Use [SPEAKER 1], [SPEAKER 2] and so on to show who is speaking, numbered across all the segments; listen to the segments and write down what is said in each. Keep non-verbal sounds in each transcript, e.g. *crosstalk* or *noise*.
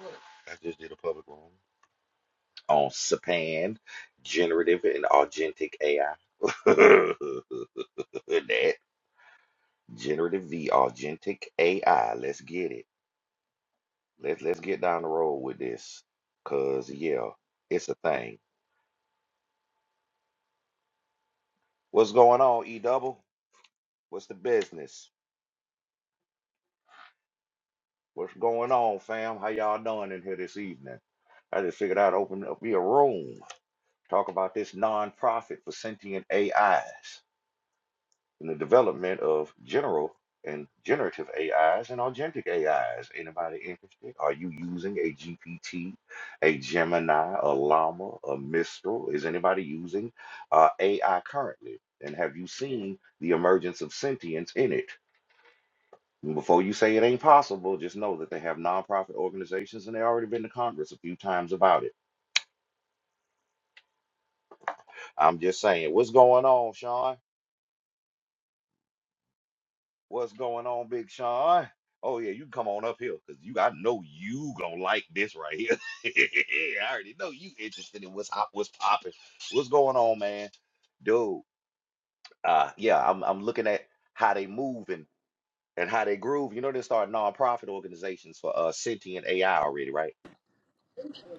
[SPEAKER 1] I just did a public room on Sapan, generative and agentic AI. *laughs* that generative v agentic AI. Let's get it. Let's let's get down the road with this, cause yeah, it's a thing. What's going on, E Double? What's the business? What's going on, fam? How y'all doing in here this evening? I just figured I'd open up me a room, talk about this nonprofit for sentient AIs. in the development of general and generative AIs and agentic AIs. Anybody interested? Are you using a GPT, a Gemini, a Llama, a Mistral? Is anybody using uh, AI currently? And have you seen the emergence of sentience in it? And Before you say it ain't possible, just know that they have nonprofit organizations and they already been to Congress a few times about it. I'm just saying, what's going on, Sean? What's going on, Big Sean? Oh yeah, you can come on up here because you I know you gonna like this right here. *laughs* I already know you interested in what's hot, what's popping, what's going on, man. Dude, uh yeah, I'm I'm looking at how they move and, and how they groove. You know they start nonprofit organizations for uh sentient AI already, right?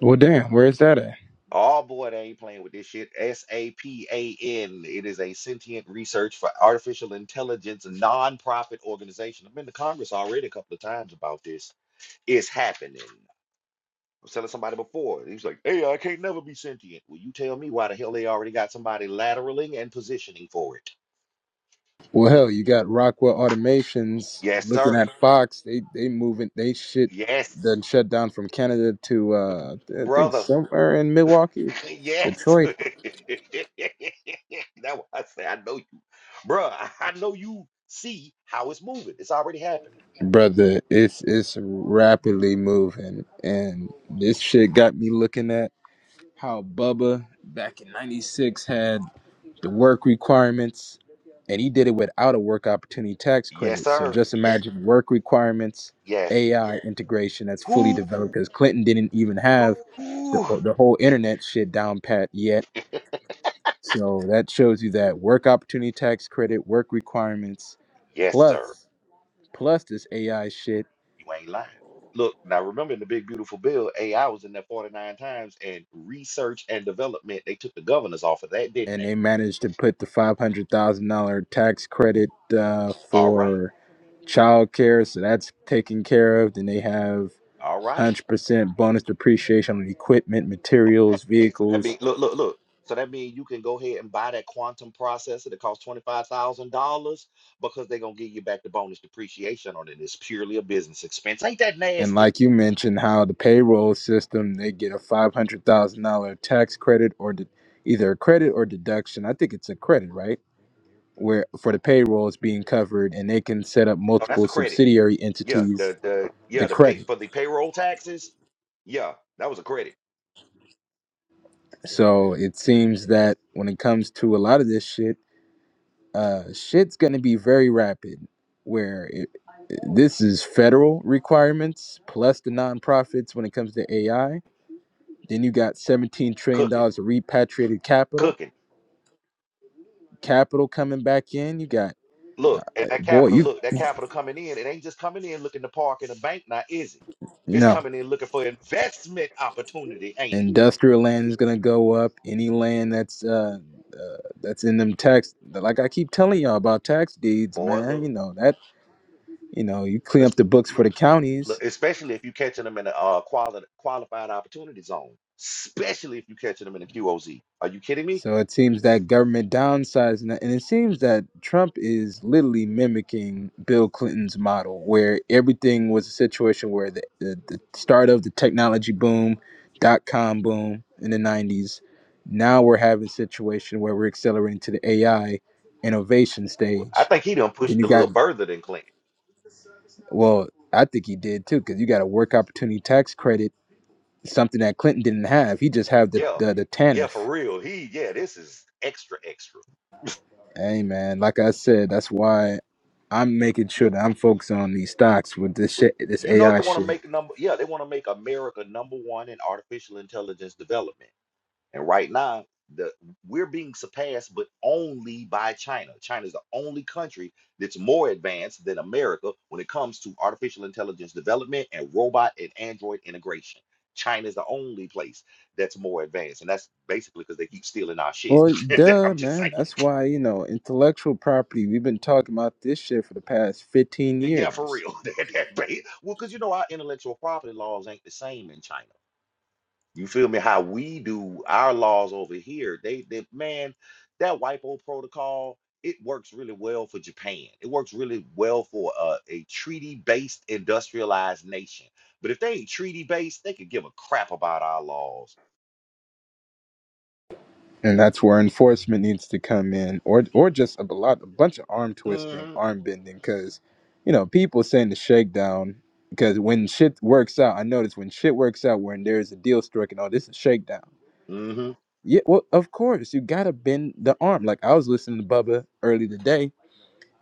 [SPEAKER 2] Well, damn, where is that at?
[SPEAKER 1] Oh boy, they ain't playing with this shit. S-A-P-A-N. It is a sentient research for artificial intelligence nonprofit organization. I've been to Congress already a couple of times about this It's happening. I was telling somebody before, he was like, hey, I can't never be sentient. Well, you tell me why the hell they already got somebody lateraling and positioning for it.
[SPEAKER 2] Well,
[SPEAKER 1] Mm,
[SPEAKER 2] hell, you got Rockwell Automations
[SPEAKER 1] Yes,
[SPEAKER 2] looking
[SPEAKER 1] sir.
[SPEAKER 2] at Fox. They they moving. They shit
[SPEAKER 1] Yes,
[SPEAKER 2] done shut down from Canada to uh, I think
[SPEAKER 1] brother.
[SPEAKER 2] somewhere in Milwaukee,
[SPEAKER 1] *laughs* yes. *laughs*
[SPEAKER 2] Detroit.
[SPEAKER 1] That's why I say I know you. Bruh, I I know you see how it's moving. It's already happening.
[SPEAKER 2] Brother, it's it's rapidly moving, and this shit got me looking at how Bubba back in '96 had. the work requirements, and he did it without a work opportunity tax
[SPEAKER 1] Yes,
[SPEAKER 2] credit. So
[SPEAKER 1] sir.
[SPEAKER 2] just imagine work requirements,
[SPEAKER 1] Yes.
[SPEAKER 2] AI integration that's fully
[SPEAKER 1] Who?
[SPEAKER 2] developed because Clinton didn't even have the,
[SPEAKER 1] Who?
[SPEAKER 2] the whole internet shit down pat yet. So that shows you that work opportunity tax credit, work requirements,
[SPEAKER 1] Yes, sir.
[SPEAKER 2] plus plus this AI shit,
[SPEAKER 1] You ain't lying. Look, now remember in the big beautiful bill, AI was in there 49 times and research and development, they took the governors off of that, didn't
[SPEAKER 2] and
[SPEAKER 1] they?
[SPEAKER 2] they managed to put the five hundred thousand dollar tax credit uh,
[SPEAKER 1] All right.
[SPEAKER 2] for childcare. So that's taken care of. Then they have
[SPEAKER 1] All right.
[SPEAKER 2] 100% bonus depreciation on equipment,
[SPEAKER 1] Hey,
[SPEAKER 2] materials,
[SPEAKER 1] hey, so that mean
[SPEAKER 2] vehicles.
[SPEAKER 1] look, look, look. So that means you can go ahead and buy that quantum processor that costs $25,000 because they're going to give you back the bonus depreciation on it. It's purely a business expense. Ain't that
[SPEAKER 2] And
[SPEAKER 1] nasty?
[SPEAKER 2] like you mentioned, how the payroll system, they get a $500,000 tax credit or de- either a credit or deduction. I think it's a credit, right? Where for the payroll is being covered and they can set up
[SPEAKER 1] No, that's
[SPEAKER 2] multiple
[SPEAKER 1] a credit.
[SPEAKER 2] subsidiary
[SPEAKER 1] Yeah,
[SPEAKER 2] entities,
[SPEAKER 1] the the yeah,
[SPEAKER 2] the
[SPEAKER 1] the pay
[SPEAKER 2] credit.
[SPEAKER 1] for the payroll taxes. Yeah, that was a credit.
[SPEAKER 2] So it seems that when it comes to a lot of this shit, uh, shit's gonna be very rapid. Where it, this is federal requirements plus the nonprofits when it comes to AI. Then you got 17 trillion
[SPEAKER 1] Cooking,
[SPEAKER 2] dollars of repatriated capital,
[SPEAKER 1] cooking.
[SPEAKER 2] capital coming back in. You got
[SPEAKER 1] Look, and that
[SPEAKER 2] boy,
[SPEAKER 1] capital,
[SPEAKER 2] you
[SPEAKER 1] look, that capital coming in, it ain't just coming in looking to park in a bank now, is it? It's
[SPEAKER 2] no
[SPEAKER 1] coming in looking for investment opportunity, ain't it?
[SPEAKER 2] industrial land is gonna go up. Any land that's uh, uh that's in them tax, like I keep telling y'all about tax deeds,
[SPEAKER 1] Boy,
[SPEAKER 2] man.
[SPEAKER 1] look,
[SPEAKER 2] You know that you know you clean up
[SPEAKER 1] it's,
[SPEAKER 2] the books for
[SPEAKER 1] look,
[SPEAKER 2] the counties.
[SPEAKER 1] look especially if you catching them in a uh, quali- qualified opportunity zone, especially if you catching them in a QOZ. Are you kidding me?
[SPEAKER 2] So it seems that government downsizing, and it seems that Trump is literally mimicking Bill Clinton's model, where everything was a situation where the, the, the start of the technology boom, dot com boom in the 90s. Now we're having a situation where we're accelerating to the AI innovation
[SPEAKER 1] Well, I
[SPEAKER 2] stage.
[SPEAKER 1] think he done
[SPEAKER 2] Then
[SPEAKER 1] pushed
[SPEAKER 2] you
[SPEAKER 1] a
[SPEAKER 2] got,
[SPEAKER 1] little further than Clint.
[SPEAKER 2] well, I think he did too, because you got a work opportunity tax credit, something that Clinton didn't have. He just had the,
[SPEAKER 1] Yeah,
[SPEAKER 2] the, the
[SPEAKER 1] yeah,
[SPEAKER 2] TANF
[SPEAKER 1] for real. He, yeah, this is extra, extra.
[SPEAKER 2] Hey man, like I said, that's why I'm making sure
[SPEAKER 1] Look,
[SPEAKER 2] that I'm focusing on these stocks with this
[SPEAKER 1] look,
[SPEAKER 2] shit, this
[SPEAKER 1] You know
[SPEAKER 2] AI
[SPEAKER 1] they want to
[SPEAKER 2] shit.
[SPEAKER 1] make number, yeah, they want to make America number one in artificial intelligence development And right now, the we're being surpassed, but only by China. China is the only country that's more advanced than America when it comes to artificial intelligence development and robot and android integration. China is the only place that's more advanced, and that's basically because they keep stealing our shit.
[SPEAKER 2] Well,
[SPEAKER 1] *laughs*
[SPEAKER 2] duh,
[SPEAKER 1] I'm just
[SPEAKER 2] man.
[SPEAKER 1] saying,
[SPEAKER 2] That's why you know intellectual property. We've been talking about this shit for the past 15
[SPEAKER 1] yeah, for
[SPEAKER 2] years,
[SPEAKER 1] real. *laughs* That- that ba- well, because you know our intellectual property laws ain't the same in China. You feel me? How we do our laws over here, they, they man, that WIPO protocol, it works really well for Japan. It works really well for uh, a treaty-based industrialized nation. But if they ain't treaty-based, they could give a crap about our laws.
[SPEAKER 2] and that's where enforcement needs to come in, or or just a lot, a bunch of arm twisting,
[SPEAKER 1] Mm-hmm.
[SPEAKER 2] arm bending, because you know people saying the shakedown. Because when shit works out, I notice when shit works out, when there's a deal struck and all this is shakedown
[SPEAKER 1] Mm-hmm.
[SPEAKER 2] Yeah, well, of course, you gotta bend the arm. Like I was listening to Bubba early today,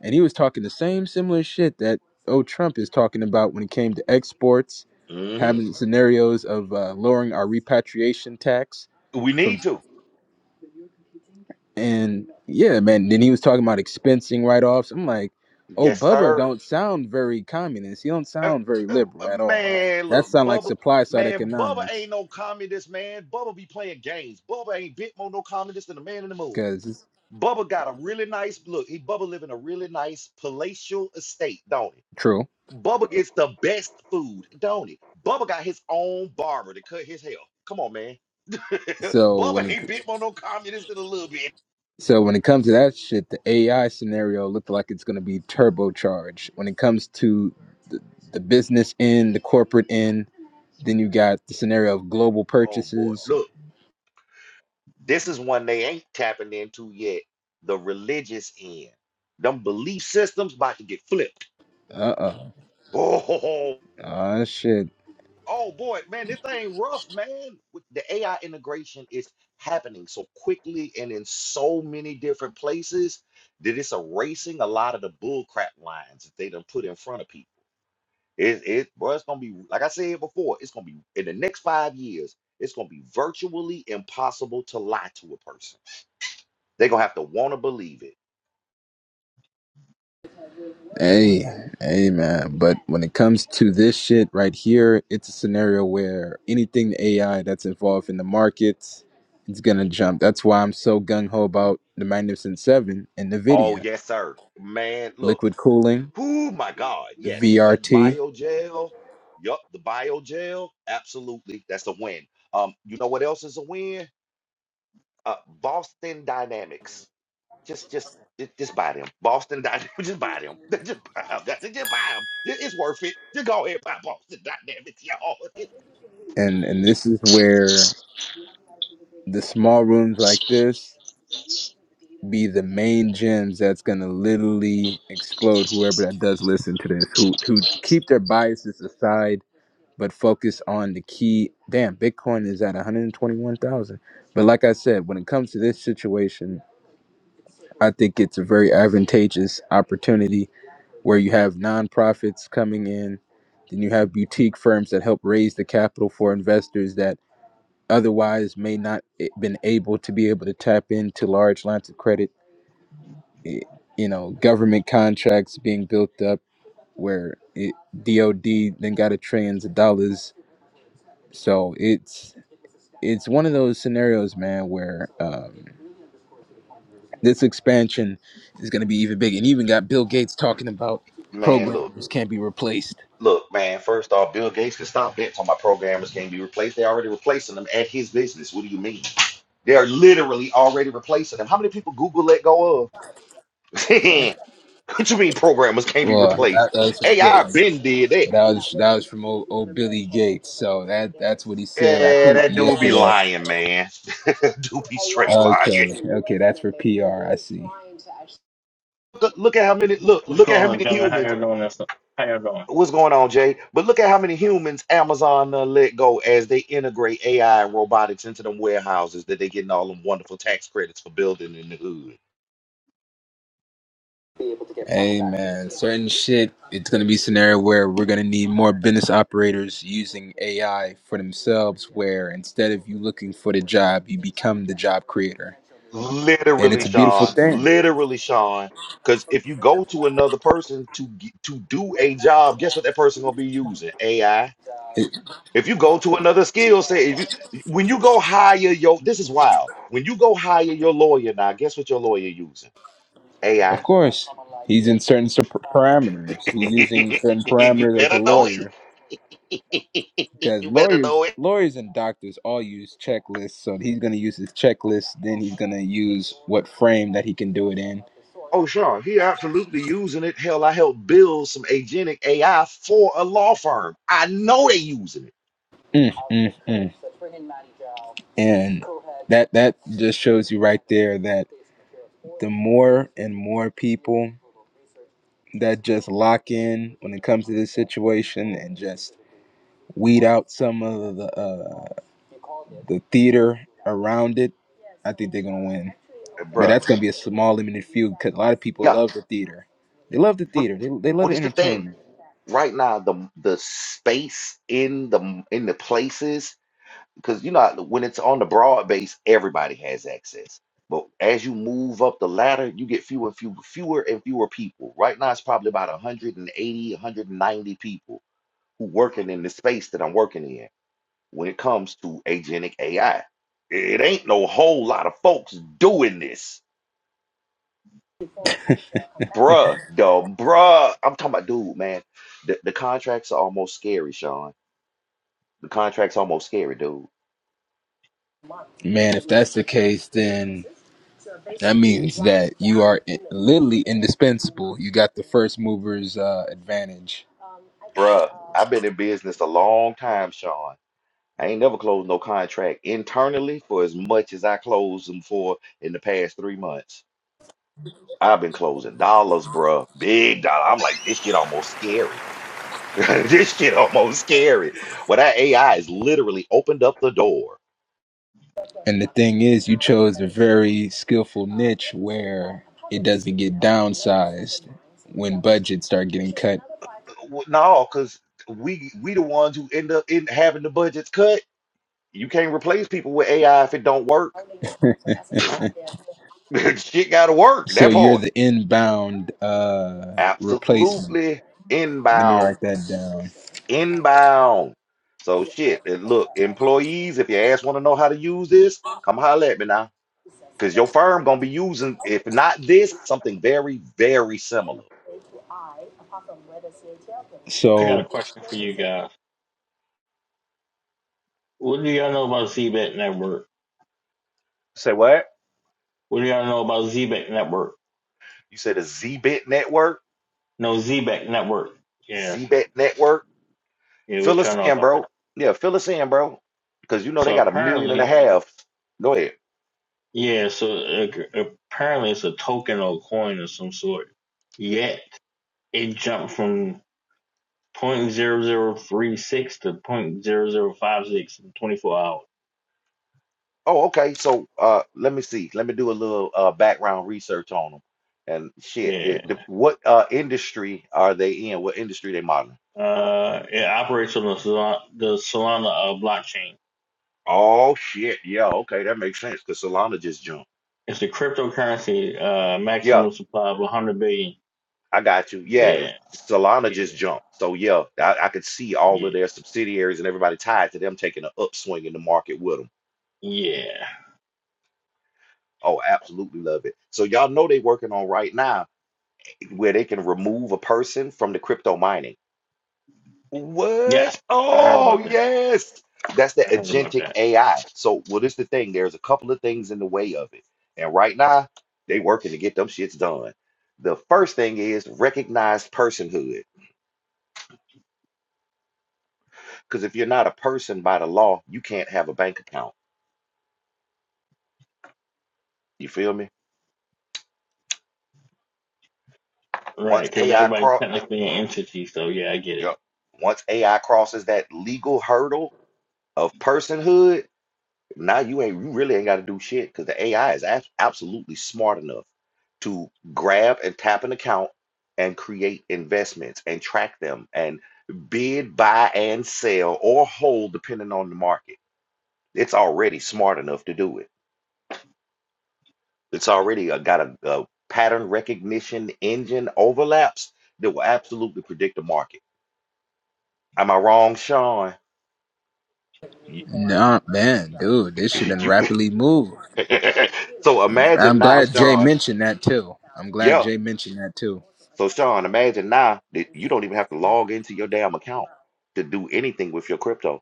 [SPEAKER 2] and he was talking the same similar shit that old Trump is talking about when it came to exports,
[SPEAKER 1] hmm
[SPEAKER 2] having scenarios of uh, lowering our repatriation tax
[SPEAKER 1] We
[SPEAKER 2] from,
[SPEAKER 1] need to.
[SPEAKER 2] and yeah, man. Then he was talking about expensing write-offs. I'm like, oh,
[SPEAKER 1] Yes,
[SPEAKER 2] Bubba
[SPEAKER 1] sir.
[SPEAKER 2] don't sound very communist. He don't
[SPEAKER 1] Uh,
[SPEAKER 2] sound very
[SPEAKER 1] uh,
[SPEAKER 2] liberal
[SPEAKER 1] uh,
[SPEAKER 2] at all.
[SPEAKER 1] man,
[SPEAKER 2] That
[SPEAKER 1] look,
[SPEAKER 2] sound like
[SPEAKER 1] Bubba.
[SPEAKER 2] supply side
[SPEAKER 1] Man, Bubba ain't
[SPEAKER 2] economics,
[SPEAKER 1] no communist, man. Bubba be playing games. Bubba ain't bit more no communist than a man in the moon.
[SPEAKER 2] because it's
[SPEAKER 1] Bubba got a really nice look. He Bubba live in a really nice palatial estate, don't he?
[SPEAKER 2] true.
[SPEAKER 1] Bubba gets the best food, don't he? Bubba got his own barber to cut his hair. Come on, man. *laughs*
[SPEAKER 2] So when
[SPEAKER 1] Bubba
[SPEAKER 2] it
[SPEAKER 1] ain't bit on no communist in a little bit.
[SPEAKER 2] So when it comes to that shit, the AI scenario looked like it's going to be turbocharged. When it comes to the, the business end, the corporate end, then you got the scenario of global
[SPEAKER 1] Oh boy,
[SPEAKER 2] purchases.
[SPEAKER 1] look, this is one they ain't tapping into yet. The religious end, them belief systems about to get flipped.
[SPEAKER 2] Uh oh,
[SPEAKER 1] Oh, *laughs*
[SPEAKER 2] ah shit.
[SPEAKER 1] Oh boy, man, this thing rough, man. With- The AI integration is happening so quickly and in so many different places that it's erasing a lot of the bull crap lines that they done put in front of people. It, it, bro, it's gonna be like I said before. It's gonna be in the next five years. It's gonna be virtually impossible to lie to a person. They're gonna have to want to believe it.
[SPEAKER 2] Hey, hey man. But when it comes to this shit right here, it's a scenario where anything AI that's involved in the markets, it's gonna jump. That's why I'm so gung ho about the Magnificent Seven and
[SPEAKER 1] Oh
[SPEAKER 2] Nvidia,
[SPEAKER 1] yes, sir, man. Look.
[SPEAKER 2] liquid cooling,
[SPEAKER 1] Whoo, my God. Yes, that
[SPEAKER 2] VRT.
[SPEAKER 1] bio jail. Yup, the bio jail. Absolutely. That's a win. Um, you know what else is a win? Uh, Boston Dynamics. Just, just, ju- just buy them. Boston Dynamics. *laughs* Just buy them. *laughs* Just buy them. Just buy them. It's worth it. Just go ahead and buy Boston Dynamics, y'all. *laughs* It's-
[SPEAKER 2] and and this is where the small rooms like this be the main gems that's gonna literally explode whoever that does listen to this who who keep their biases aside but focus on the key damn bitcoin is at 121000 but like i said when it comes to this situation i think it's a very advantageous opportunity where you have nonprofits coming in then you have boutique firms that help raise the capital for investors that otherwise may not been able to be able to tap into large lines of credit eh, you know government contracts being built up where it, dod then got a trillions of dollars so it's it's one of those scenarios man where um, this expansion is going to be even big and even got bill gates talking about
[SPEAKER 1] Man, look,
[SPEAKER 2] programmers can't be replaced
[SPEAKER 1] look, man. First off, Bill Gates can stop that. So my programmers can't be replaced. They're already replacing them at his business. What do you mean? They're literally already replacing them. How many people Google let go of? *laughs* *laughs* What you mean programmers can't be
[SPEAKER 2] well that,
[SPEAKER 1] replaced?
[SPEAKER 2] that was from
[SPEAKER 1] AI
[SPEAKER 2] gates
[SPEAKER 1] been did that.
[SPEAKER 2] but that was that was from old, old billy gates so that that's what he said i
[SPEAKER 1] Yeah,
[SPEAKER 2] think
[SPEAKER 1] that dude be
[SPEAKER 2] yesterday
[SPEAKER 1] lying, man. *laughs* dude be straight lying. Yeah,
[SPEAKER 2] Okay, okay, that's for PR. I see.
[SPEAKER 1] Look, look at how many look
[SPEAKER 3] What's
[SPEAKER 1] look at
[SPEAKER 3] going
[SPEAKER 1] how
[SPEAKER 3] on,
[SPEAKER 1] many
[SPEAKER 3] gentlemen? How
[SPEAKER 1] humans.
[SPEAKER 3] y'all doing this? How y'all doing?
[SPEAKER 1] What's going on, Jay? But look at how many humans Amazon uh, let go as they integrate AI and robotics into them warehouses that they getting all them wonderful tax credits for building in the hood.
[SPEAKER 2] Hey man, certain shit. It's gonna be scenario where we're gonna need more business operators using AI for themselves. Where instead of you looking for the job, you become the job creator, and
[SPEAKER 1] Literally,
[SPEAKER 2] it's a beautiful
[SPEAKER 1] Sean.
[SPEAKER 2] thing.
[SPEAKER 1] Literally, Sean. Because if you go to another person to g- to do a job, guess what that person gonna be using? AI
[SPEAKER 2] It-
[SPEAKER 1] If you go to another skill set, if you when you go hire your this is wild. When you go hire your lawyer now, guess what your lawyer using?
[SPEAKER 2] of
[SPEAKER 1] AI.
[SPEAKER 2] course, he's in certain sup- parameters.
[SPEAKER 1] *laughs*
[SPEAKER 2] He's using certain
[SPEAKER 1] you
[SPEAKER 2] parameters as a
[SPEAKER 1] better know
[SPEAKER 2] lawyer
[SPEAKER 1] it. *laughs*
[SPEAKER 2] because
[SPEAKER 1] you better
[SPEAKER 2] lawyers.
[SPEAKER 1] know it.
[SPEAKER 2] Lawyers and doctors all use checklists, so he's gonna use his checklist. Then he's gonna use what frame that he can do it in.
[SPEAKER 1] Oh sure, he absolutely using it. Hell, I helped build some agentic AI for a law firm. I know they using it,
[SPEAKER 2] Mm, mm, mm. and that that just shows you right there that the more and more people that just lock in when it comes to this situation and just weed out some of the uh, the theater around it, I think they're gonna win.
[SPEAKER 1] Uh,
[SPEAKER 2] But
[SPEAKER 1] bruh.
[SPEAKER 2] that's gonna be a small limited few because a lot of people
[SPEAKER 1] Yeah.
[SPEAKER 2] love the theater. They love the
[SPEAKER 1] What
[SPEAKER 2] theater. They they love
[SPEAKER 1] what
[SPEAKER 2] the
[SPEAKER 1] is the thing
[SPEAKER 2] entertainment.
[SPEAKER 1] right now? The the space in the in the places because you know when it's on the broad base, everybody has access. But as you move up the ladder, you get fewer and fewer, fewer and fewer people. Right now, it's probably about 180, 190 people who working in the space that I'm working in. When it comes to agentic AI, it ain't no whole lot of folks doing this, bruh. The bruh, I'm talking about, dude, man. The, the contracts are almost scary, Sean. The contracts almost scary, dude,
[SPEAKER 2] Man, if that's the case, then that means that you are i- literally indispensable. You got the first movers uh, advantage
[SPEAKER 1] bruh. I've been in business a long time, Sean I ain't never closed no contract internally for as much as I closed them for in the past three months. I've been closing dollars, bruh. Big dollar. I'm like, this shit almost scary. *laughs* this shit almost scary. Well, that AI has literally opened up the door.
[SPEAKER 2] And the thing is, you chose a very skillful niche where it doesn't get downsized when budgets start getting cut.
[SPEAKER 1] W- No, because we we the ones who end up in having the budgets cut. You can't replace people with AI if it don't work.
[SPEAKER 2] *laughs*
[SPEAKER 1] *laughs* shit gotta work.
[SPEAKER 2] so
[SPEAKER 1] That
[SPEAKER 2] you're
[SPEAKER 1] part.
[SPEAKER 2] the inbound uh, replacement.
[SPEAKER 1] Absolutely
[SPEAKER 2] Let me
[SPEAKER 1] inbound.
[SPEAKER 2] write that down.
[SPEAKER 1] inbound. So shit, and look, employees, if your ass want to know how to use this, come holler at me now. Cause your firm gonna be using, if not this, something very, very similar.
[SPEAKER 3] I got a
[SPEAKER 2] So,
[SPEAKER 3] question for you guys. What do y'all know about ZBET Network?
[SPEAKER 1] Say what?
[SPEAKER 3] What do y'all know about ZBET Network?
[SPEAKER 1] You said a ZBit network,
[SPEAKER 3] No, ZBET Network. Yes.
[SPEAKER 1] ZBit network.
[SPEAKER 3] Yeah,
[SPEAKER 1] Fill
[SPEAKER 3] what
[SPEAKER 1] us
[SPEAKER 3] y'all know
[SPEAKER 1] in,
[SPEAKER 3] about
[SPEAKER 1] bro.
[SPEAKER 3] that?
[SPEAKER 1] Yeah, fill us in, bro. Cause you know they
[SPEAKER 3] So
[SPEAKER 1] got a million and a
[SPEAKER 3] apparently,
[SPEAKER 1] half. Go ahead.
[SPEAKER 3] yeah, so uh, apparently it's a token or a coin of some sort. Yet, it jumped from 0.0036 to 0.0056 in 24 hours.
[SPEAKER 1] Oh, okay. So uh let me see. Let me do a little uh background research on them. And shit,
[SPEAKER 3] Yeah.
[SPEAKER 1] it, the, what uh industry are they in? What industry they modeling?
[SPEAKER 3] Uh, it operates on the Solana, the Solana uh, blockchain.
[SPEAKER 1] Oh shit. Yeah, okay, that makes sense because Solana just jumped.
[SPEAKER 3] It's the cryptocurrency uh
[SPEAKER 1] Yeah,
[SPEAKER 3] maximum supply of 100 billion.
[SPEAKER 1] I got you. Yeah,
[SPEAKER 3] Yeah,
[SPEAKER 1] Solana
[SPEAKER 3] yeah,
[SPEAKER 1] just jumped. So yeah, I, I could see all of
[SPEAKER 3] yeah,
[SPEAKER 1] their subsidiaries and everybody tied to them taking an upswing in the market with them.
[SPEAKER 3] yeah.
[SPEAKER 1] Oh, absolutely love it. So y'all know they working on right now where they can remove a person from the crypto mining. What?
[SPEAKER 3] Yes, I heard about
[SPEAKER 1] Oh,
[SPEAKER 3] that.
[SPEAKER 1] yes. That's the
[SPEAKER 3] I heard about
[SPEAKER 1] agentic
[SPEAKER 3] that.
[SPEAKER 1] AI. So, well, this the thing. There's a couple of things in the way of it. And right now, they working to get them shits done. The first thing is recognize personhood. Because if you're not a person by the law, you can't have a bank account. You feel me?
[SPEAKER 3] Right,
[SPEAKER 1] Once
[SPEAKER 3] because
[SPEAKER 1] AI
[SPEAKER 3] everybody's
[SPEAKER 1] cross, yup,
[SPEAKER 3] technically an entity, so yeah, I get it.
[SPEAKER 1] yup. once AI crosses that legal hurdle of personhood, Now you ain't you really ain't got to do shit because the AI is abs- absolutely smart enough to grab and tap an account and create investments and track them and bid, buy, and sell or hold depending on the market. It's already smart enough to do it. It's already uh, got a, a pattern recognition engine overlaps that will absolutely predict the market. Am I wrong, Sean? You,
[SPEAKER 2] nah, man, dude, this
[SPEAKER 1] *laughs*
[SPEAKER 2] shit done
[SPEAKER 1] you
[SPEAKER 2] rapidly moved.
[SPEAKER 1] *laughs* so imagine
[SPEAKER 2] I'm
[SPEAKER 1] now,
[SPEAKER 2] glad Jay
[SPEAKER 1] Sean.
[SPEAKER 2] mentioned that too. I'm glad
[SPEAKER 1] Yeah,
[SPEAKER 2] Jay mentioned that too.
[SPEAKER 1] So, Sean, imagine now that you don't even have to log into your damn account to do anything with your crypto.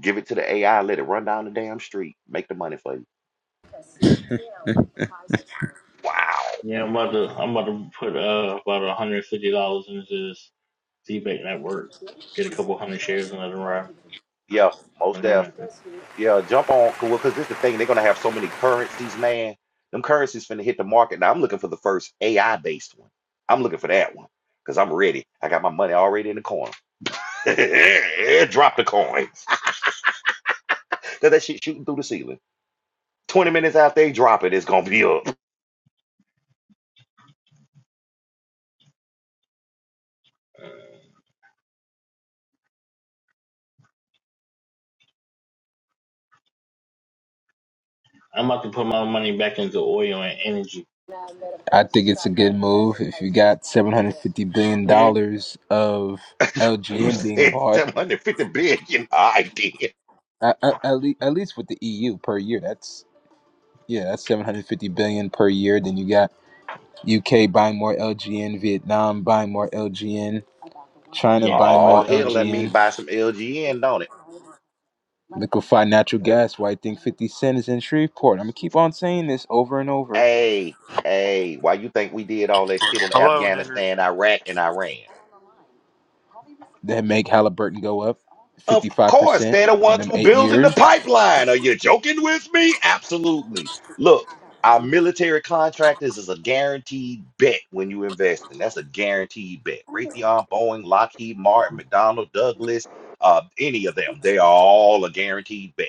[SPEAKER 1] Give it to the AI, let it run down the damn street, make the money for you. Wow.
[SPEAKER 3] Yeah, I'm about to I'm about to put uh about 150 dollars into this debate network, get a couple hundred shares in another round.
[SPEAKER 1] Yeah, most
[SPEAKER 3] I don't
[SPEAKER 1] def.
[SPEAKER 3] know.
[SPEAKER 1] Yeah, jump on. Well, because this is the thing, they're gonna have so many currencies, man. Them currencies finna hit the market. Now I'm looking for the first AI based one. I'm looking for that one. Cause I'm ready. I got my money already in the corner. *laughs* Drop the coins. *laughs* Cause that shit shooting through the ceiling. 20 minutes after they drop it, it's gonna be up.
[SPEAKER 3] I'm about to put my money back into oil and energy.
[SPEAKER 2] I think it's a good move. If you got $750 billion
[SPEAKER 3] Yeah,
[SPEAKER 2] dollars of
[SPEAKER 1] *laughs* you
[SPEAKER 2] LGN
[SPEAKER 3] yeah,
[SPEAKER 2] being
[SPEAKER 1] said
[SPEAKER 2] bought,
[SPEAKER 1] 750 billion. *laughs* I did.
[SPEAKER 2] at, at, at le- at least with the EU per year, that's yeah, that's 750 billion per year. Then you got UK buying more LGN, Vietnam buying more LGN, China
[SPEAKER 3] yeah.
[SPEAKER 2] buying
[SPEAKER 3] Everybody
[SPEAKER 2] more
[SPEAKER 1] Oh,
[SPEAKER 3] gonna
[SPEAKER 1] hell,
[SPEAKER 3] use
[SPEAKER 1] let me
[SPEAKER 2] LGN,
[SPEAKER 3] energy.
[SPEAKER 1] buy some LGN, don't it?
[SPEAKER 2] liquefied natural gas. Why I think 50 Cent is in Shreveport. I'm gonna keep on saying this over and over.
[SPEAKER 1] Hey, hey, why you think we did all that shit in
[SPEAKER 4] Hello, nigger.
[SPEAKER 1] Afghanistan, Iraq, and Iran?
[SPEAKER 2] They make Halliburton go up
[SPEAKER 1] Of course,
[SPEAKER 2] 55%
[SPEAKER 1] they're the
[SPEAKER 2] in
[SPEAKER 1] ones
[SPEAKER 2] them
[SPEAKER 1] who
[SPEAKER 2] eight
[SPEAKER 1] building the
[SPEAKER 2] years.
[SPEAKER 1] pipeline. Are you joking with me? Absolutely. Look, our military contractors is a guaranteed bet when you invest, in. that's a guaranteed bet. Raytheon, Boeing, Lockheed Martin, McDonnell, Douglas, uh, any of them, they are all a guaranteed bet.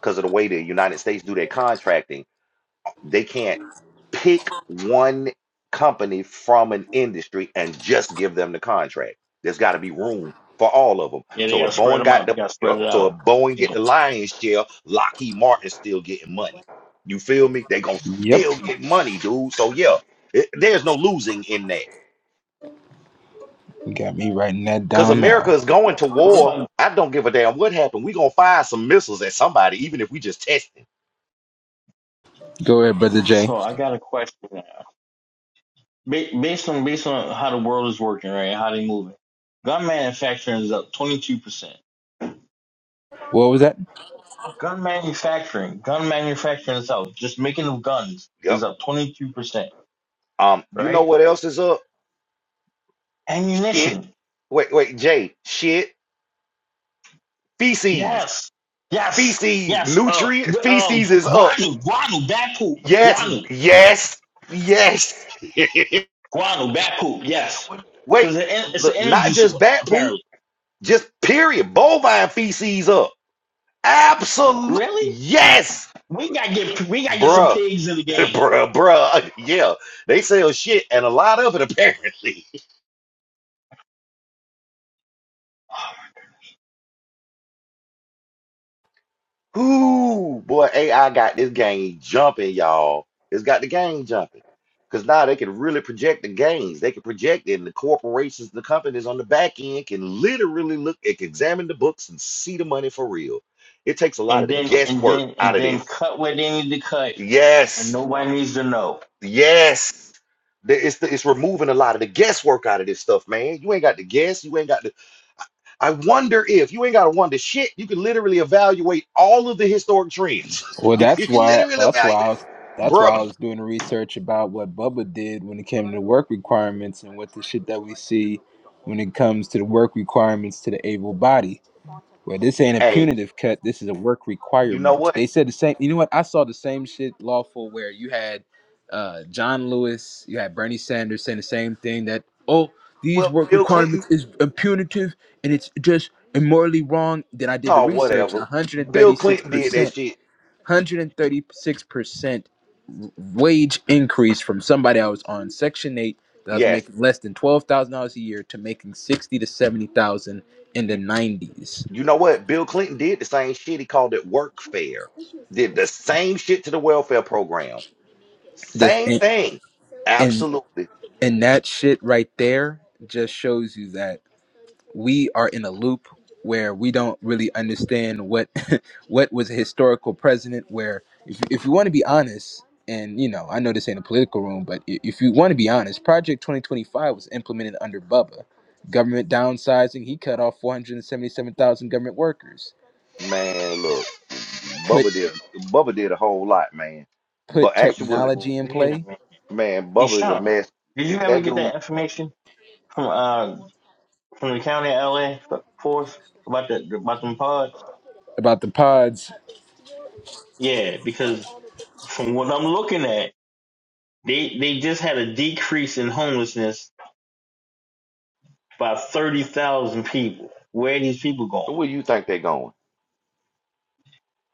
[SPEAKER 1] because of the way the United States do their contracting, they can't pick one company from an industry and just give them the contract. There's got to be room for all of them.
[SPEAKER 3] Yeah, they
[SPEAKER 1] So if
[SPEAKER 3] gotta spread
[SPEAKER 1] Boeing
[SPEAKER 3] them
[SPEAKER 1] got
[SPEAKER 3] out. They
[SPEAKER 1] the
[SPEAKER 3] gotta
[SPEAKER 1] yup,
[SPEAKER 3] spread it
[SPEAKER 1] so
[SPEAKER 3] out.
[SPEAKER 1] if Boeing get
[SPEAKER 3] Yeah.
[SPEAKER 1] the lion's share, Lockheed Martin still getting money. You feel me? They gonna
[SPEAKER 2] Yep.
[SPEAKER 1] still get money, dude. So yeah, it- there's no losing in that
[SPEAKER 2] You got me writing that
[SPEAKER 1] because
[SPEAKER 2] down
[SPEAKER 1] America is
[SPEAKER 2] now.
[SPEAKER 1] going to
[SPEAKER 3] What
[SPEAKER 1] war.
[SPEAKER 3] about
[SPEAKER 1] I don't give a damn what happened. We gonna fire some missiles at somebody, even if we just testing.
[SPEAKER 2] Go ahead, brother Jay.
[SPEAKER 3] So I got a question. now. Ba- Based on based on how the world is working, right? How they moving. Gun manufacturing is up twenty two percent.
[SPEAKER 2] What was that?
[SPEAKER 3] Gun manufacturing, gun manufacturing itself, just making of guns is
[SPEAKER 1] Yep.
[SPEAKER 3] up twenty two percent,
[SPEAKER 1] Um, you know
[SPEAKER 3] right?
[SPEAKER 1] what else is up? Shit.
[SPEAKER 3] Ammunition,
[SPEAKER 1] Wait, wait, Jay. Shit. Feces.
[SPEAKER 3] yes, yes,
[SPEAKER 1] Feces.
[SPEAKER 3] yes. Uh,
[SPEAKER 1] Nutrient.
[SPEAKER 3] wi- uh,
[SPEAKER 1] Feces is up.
[SPEAKER 3] guano, guano, bat poop,
[SPEAKER 1] Yes.
[SPEAKER 3] guano,
[SPEAKER 1] Yes. Yes. *laughs*
[SPEAKER 3] guano, bat poop, yes,
[SPEAKER 1] wait.
[SPEAKER 3] because it's an
[SPEAKER 1] Look, not
[SPEAKER 3] energy
[SPEAKER 1] just
[SPEAKER 3] source
[SPEAKER 1] bat poop.
[SPEAKER 3] apparently.
[SPEAKER 1] Just period. Bovine feces up. Absolute.
[SPEAKER 3] Really?
[SPEAKER 1] Yes.
[SPEAKER 3] We gotta get we gotta get some
[SPEAKER 1] Bruh.
[SPEAKER 3] pigs in the
[SPEAKER 1] *laughs*
[SPEAKER 3] game.
[SPEAKER 1] bruh, bruh. Yeah. They sell shit and a lot of it apparently. Ooh, boy, AI got this game jumping, y'all. It's got the game jumping. Because now they can really project the gains. They can project it, and the corporations, the companies on the back end can literally look, it can examine the books and see the money for real. It takes a lot
[SPEAKER 3] and
[SPEAKER 1] of the
[SPEAKER 3] then and
[SPEAKER 1] guesswork
[SPEAKER 3] then and
[SPEAKER 1] out of
[SPEAKER 3] then
[SPEAKER 1] this.
[SPEAKER 3] cut where they need to cut, and
[SPEAKER 1] Yes,
[SPEAKER 3] nobody needs to know.
[SPEAKER 1] yes. The- It's, the, it's removing a lot of the guesswork out of this stuff, man. You ain't got to guess. You ain't got to I wonder if you ain't got to wonder shit. You can literally evaluate all of the historic trends.
[SPEAKER 2] Well,
[SPEAKER 1] *laughs* you
[SPEAKER 2] that's
[SPEAKER 1] can
[SPEAKER 2] why.
[SPEAKER 1] literally
[SPEAKER 2] That's why I
[SPEAKER 1] evaluate,
[SPEAKER 2] was. That's
[SPEAKER 1] bro.
[SPEAKER 2] why I was doing the research about what Bubba did when it came to work requirements and what the shit that we see when it comes to the work requirements to the able body. Well, this ain't a
[SPEAKER 1] Hey,
[SPEAKER 2] punitive cut. This is a work
[SPEAKER 1] you know
[SPEAKER 2] requirement.
[SPEAKER 1] what?
[SPEAKER 2] They said the same. You know what? I saw the same shit lawful where you had uh, John Lewis, you had Bernie Sanders saying the same thing that oh these
[SPEAKER 1] Well,
[SPEAKER 2] work
[SPEAKER 1] Bill Clinton.
[SPEAKER 2] requirements is punitive and it's just immorally wrong. Then I did the
[SPEAKER 1] Oh,
[SPEAKER 2] research and
[SPEAKER 1] whatever. Bill
[SPEAKER 2] 136
[SPEAKER 1] Clinton did that
[SPEAKER 2] percent,
[SPEAKER 1] shit.
[SPEAKER 2] 136 percent wage increase from somebody I was on Section Eight that was
[SPEAKER 1] Yes.
[SPEAKER 2] making less than twelve thousand dollars a year to making sixty to seventy thousand in the
[SPEAKER 1] You,
[SPEAKER 2] nineties
[SPEAKER 1] you know what? Bill Clinton did the same shit. He called it workfare. Did the same shit to the welfare program.
[SPEAKER 2] The
[SPEAKER 1] Same
[SPEAKER 2] and,
[SPEAKER 1] thing.
[SPEAKER 2] and
[SPEAKER 1] Absolutely.
[SPEAKER 2] and that shit right there just shows you that we are in a loop where we don't really understand what *laughs* what was a historical president. Where if if you want to be honest, and you know I know this ain't a political room, but i- if you want to be honest, Project Twenty Twenty Five was implemented under Bubba. Government downsizing, he cut off four hundred and seventy seven thousand government workers.
[SPEAKER 1] Man, look,
[SPEAKER 2] Put
[SPEAKER 1] Bubba did Bubba did a whole lot, man.
[SPEAKER 2] put
[SPEAKER 1] But actually,
[SPEAKER 3] So,
[SPEAKER 2] technology in
[SPEAKER 3] wait a
[SPEAKER 2] play
[SPEAKER 3] minute,
[SPEAKER 1] man, Bubba is a
[SPEAKER 3] Ishan,
[SPEAKER 1] mess.
[SPEAKER 3] did you ever
[SPEAKER 1] That
[SPEAKER 3] get
[SPEAKER 1] dude
[SPEAKER 3] that information from uh from the county of LA force about the about them pods?
[SPEAKER 2] about the pods.
[SPEAKER 3] Yeah, because from what I'm looking at, they they just had a decrease in homelessness by thirty thousand people. Where are these people going?
[SPEAKER 1] Where you think they're going?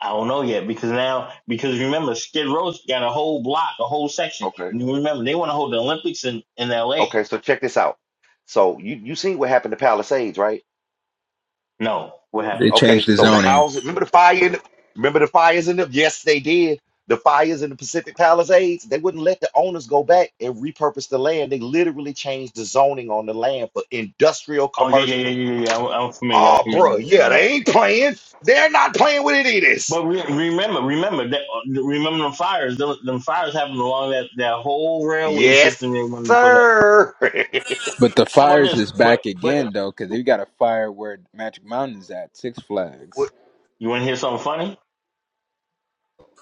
[SPEAKER 3] I don't know yet because now because remember Skid Row's got a whole block, a whole section,
[SPEAKER 1] Okay.
[SPEAKER 3] and you remember they want to hold the Olympics in in L.A.
[SPEAKER 1] Okay, so check this out. So you you seen what happened to Palisades, right?
[SPEAKER 3] No, what
[SPEAKER 2] They
[SPEAKER 3] happened?
[SPEAKER 1] Okay,
[SPEAKER 2] changed the
[SPEAKER 1] so the
[SPEAKER 2] zoning,
[SPEAKER 1] houses. Remember the fire? In the, remember the fires in them? Yes, they did. The fires in the Pacific Palisades. They wouldn't let the owners go back and repurpose the land. They literally changed the zoning on the land for industrial
[SPEAKER 3] Oh yeah, yeah, yeah,
[SPEAKER 1] commercial.
[SPEAKER 3] yeah, yeah. yeah. I'm, I'm familiar. I'm
[SPEAKER 1] Oh, bro.
[SPEAKER 3] familiar. I'm
[SPEAKER 1] yeah,
[SPEAKER 3] familiar.
[SPEAKER 1] they ain't playing. They're not playing with it. It is.
[SPEAKER 3] But re- remember, remember that. Remember them fires. Them, them fires happened along that that whole railway
[SPEAKER 1] Yes,
[SPEAKER 3] system they wanted to put up.
[SPEAKER 1] sir. *laughs*
[SPEAKER 2] but the
[SPEAKER 3] How about
[SPEAKER 2] fires
[SPEAKER 3] this?
[SPEAKER 2] is
[SPEAKER 3] But
[SPEAKER 2] back
[SPEAKER 3] but
[SPEAKER 2] again though, because they got a fire where Magic Mountain's at Six
[SPEAKER 1] Wh-
[SPEAKER 2] Flags.
[SPEAKER 3] you want to hear something funny?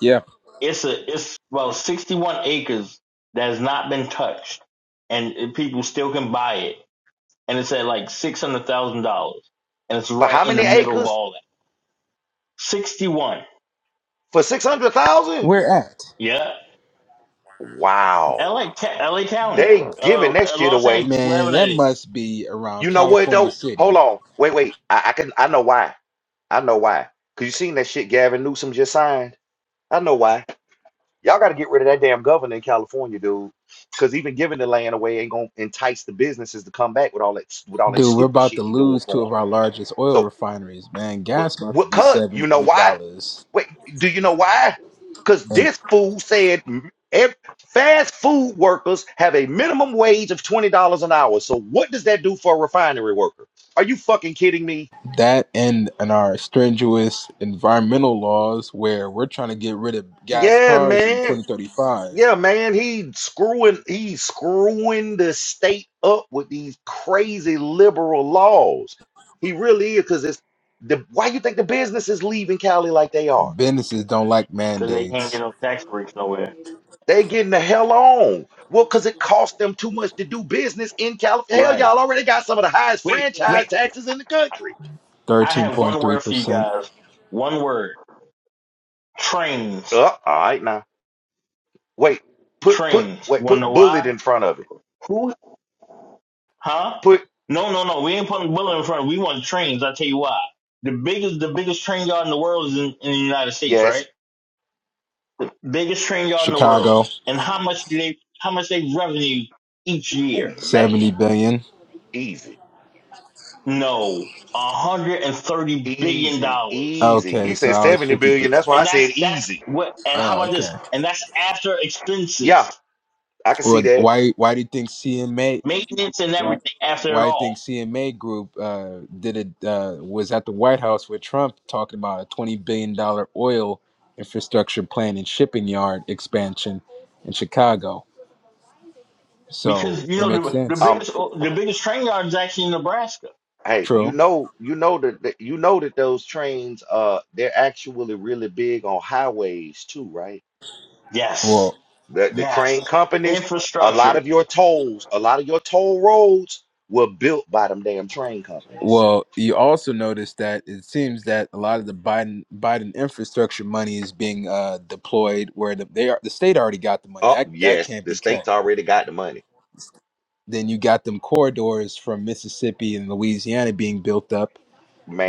[SPEAKER 2] Yeah,
[SPEAKER 3] It's a it's about sixty one acres that has not been touched, and it- people still can buy it. And it's at like six hundred thousand dollars, and it's
[SPEAKER 1] For how
[SPEAKER 3] right in
[SPEAKER 1] many
[SPEAKER 3] the middle of
[SPEAKER 1] acres?
[SPEAKER 3] all that. Sixty one.
[SPEAKER 1] For six hundred thousand?
[SPEAKER 2] where at?
[SPEAKER 3] Yeah.
[SPEAKER 1] Wow.
[SPEAKER 3] L A L A County,
[SPEAKER 1] They giving
[SPEAKER 3] uh,
[SPEAKER 1] that shit
[SPEAKER 3] Los
[SPEAKER 1] away.
[SPEAKER 3] Angeles,
[SPEAKER 2] Man,
[SPEAKER 3] wherever that
[SPEAKER 2] that
[SPEAKER 3] is,
[SPEAKER 2] must be around
[SPEAKER 1] You know what
[SPEAKER 2] California
[SPEAKER 1] though? Hold
[SPEAKER 2] City,
[SPEAKER 1] on. Wait, wait. I, I can I know why. I know why. Cause you seen that shit Gavin Newsom just signed. I know why. Y'all gotta get rid of that damn governor in California, dude. Cause even giving the land away ain't gonna entice the businesses to come back with all that with all that
[SPEAKER 2] dude. We're
[SPEAKER 1] stupid
[SPEAKER 2] about to
[SPEAKER 1] shit he doing
[SPEAKER 2] lose two
[SPEAKER 1] for
[SPEAKER 2] of
[SPEAKER 1] them.
[SPEAKER 2] our largest oil
[SPEAKER 1] So
[SPEAKER 2] refineries, man.
[SPEAKER 1] what
[SPEAKER 2] Gas about to
[SPEAKER 1] what
[SPEAKER 2] be
[SPEAKER 1] cut?
[SPEAKER 2] seven,
[SPEAKER 1] You know
[SPEAKER 2] eight
[SPEAKER 1] why?
[SPEAKER 2] dollars,
[SPEAKER 1] Wait, do you know why? Because
[SPEAKER 2] and
[SPEAKER 1] this fool said m- ev- fast food workers have a minimum wage of $20 an hour. So what does that do for a refinery worker? Are you fucking kidding me?
[SPEAKER 2] that and and our strenuous environmental laws where we're trying to get rid of gas
[SPEAKER 1] Yeah,
[SPEAKER 2] cars in
[SPEAKER 1] man.
[SPEAKER 2] 2035.
[SPEAKER 1] Yeah, man. He screwing he's screwing the state up with these crazy liberal laws. He really is because it's the why you think the business is leaving Cali like they are?
[SPEAKER 2] Businesses don't like
[SPEAKER 3] because they can't
[SPEAKER 2] mandates.
[SPEAKER 3] get no tax breaks nowhere.
[SPEAKER 1] They getting the hell on. Well, because it costs them too much to do business in California. Hell,
[SPEAKER 3] Right.
[SPEAKER 1] y'all already got some of the highest
[SPEAKER 3] Wait,
[SPEAKER 1] franchise
[SPEAKER 3] wait.
[SPEAKER 1] taxes in the country.
[SPEAKER 3] I
[SPEAKER 2] Thirteen
[SPEAKER 3] have
[SPEAKER 2] point
[SPEAKER 3] one
[SPEAKER 2] three
[SPEAKER 3] word for you
[SPEAKER 2] percent.
[SPEAKER 3] guys. One word. Trains.
[SPEAKER 1] Uh, all right now. Wait, put put
[SPEAKER 3] Trains. You
[SPEAKER 1] wait,
[SPEAKER 3] want to
[SPEAKER 1] put
[SPEAKER 3] know
[SPEAKER 1] bullet
[SPEAKER 3] why?
[SPEAKER 1] in front of it.
[SPEAKER 3] Who? Huh?
[SPEAKER 1] Put
[SPEAKER 3] No, no, no. We ain't putting bullet in front. of it. We want trains. I'll tell you why. The biggest, the biggest train yard in the world is in, in the United States, right?
[SPEAKER 1] yes.
[SPEAKER 3] Biggest train yard in the world.
[SPEAKER 2] Chicago,
[SPEAKER 3] And how much do they, how much they revenue each
[SPEAKER 1] Ooh,
[SPEAKER 3] year?
[SPEAKER 2] seventy
[SPEAKER 1] man.
[SPEAKER 2] billion.
[SPEAKER 1] Easy.
[SPEAKER 3] No, one hundred and thirty billion
[SPEAKER 1] Easy.
[SPEAKER 3] dollars,
[SPEAKER 1] Easy.
[SPEAKER 2] Okay,
[SPEAKER 1] You
[SPEAKER 2] so
[SPEAKER 1] said
[SPEAKER 2] I was
[SPEAKER 1] 70
[SPEAKER 2] fifty three.
[SPEAKER 1] billion. That's why I
[SPEAKER 3] and
[SPEAKER 1] said
[SPEAKER 3] that's that's
[SPEAKER 1] easy.
[SPEAKER 3] what. And how
[SPEAKER 2] Oh,
[SPEAKER 3] about this?
[SPEAKER 2] okay.
[SPEAKER 3] And that's after expenses,
[SPEAKER 1] Yeah, I can see
[SPEAKER 2] Well,
[SPEAKER 1] that.
[SPEAKER 2] why why do you think CMA
[SPEAKER 3] maintenance, and
[SPEAKER 2] Why?
[SPEAKER 3] everything after it
[SPEAKER 2] Why I
[SPEAKER 3] all.
[SPEAKER 2] think CMA Group uh, did it uh, was at the White House with Trump talking about a twenty billion dollar oil infrastructure plan and shipping yard expansion in Chicago. So
[SPEAKER 3] Because you
[SPEAKER 2] it
[SPEAKER 3] know
[SPEAKER 2] makes
[SPEAKER 3] the the
[SPEAKER 2] sense.
[SPEAKER 1] Um,
[SPEAKER 3] biggest the biggest train yard is actually in Nebraska.
[SPEAKER 1] hey, you
[SPEAKER 2] True.
[SPEAKER 1] know, you know that, that you know that those trains uh they're actually really big on highways too, right?
[SPEAKER 3] Yes,
[SPEAKER 2] Well,
[SPEAKER 1] the, the
[SPEAKER 3] yes,
[SPEAKER 1] train companies, a lot of
[SPEAKER 3] infrastructure.
[SPEAKER 1] your tolls, a lot of your toll roads were built by them damn train companies.
[SPEAKER 2] well, you also notice that it seems that a lot of the Biden Biden infrastructure money is being uh, deployed where the, they are. The state already got the money.
[SPEAKER 1] Oh,
[SPEAKER 2] That that
[SPEAKER 1] yes,
[SPEAKER 2] can't
[SPEAKER 1] the
[SPEAKER 2] be cut.
[SPEAKER 1] states already got the money.
[SPEAKER 2] Then you got them corridors from Mississippi and Louisiana being built up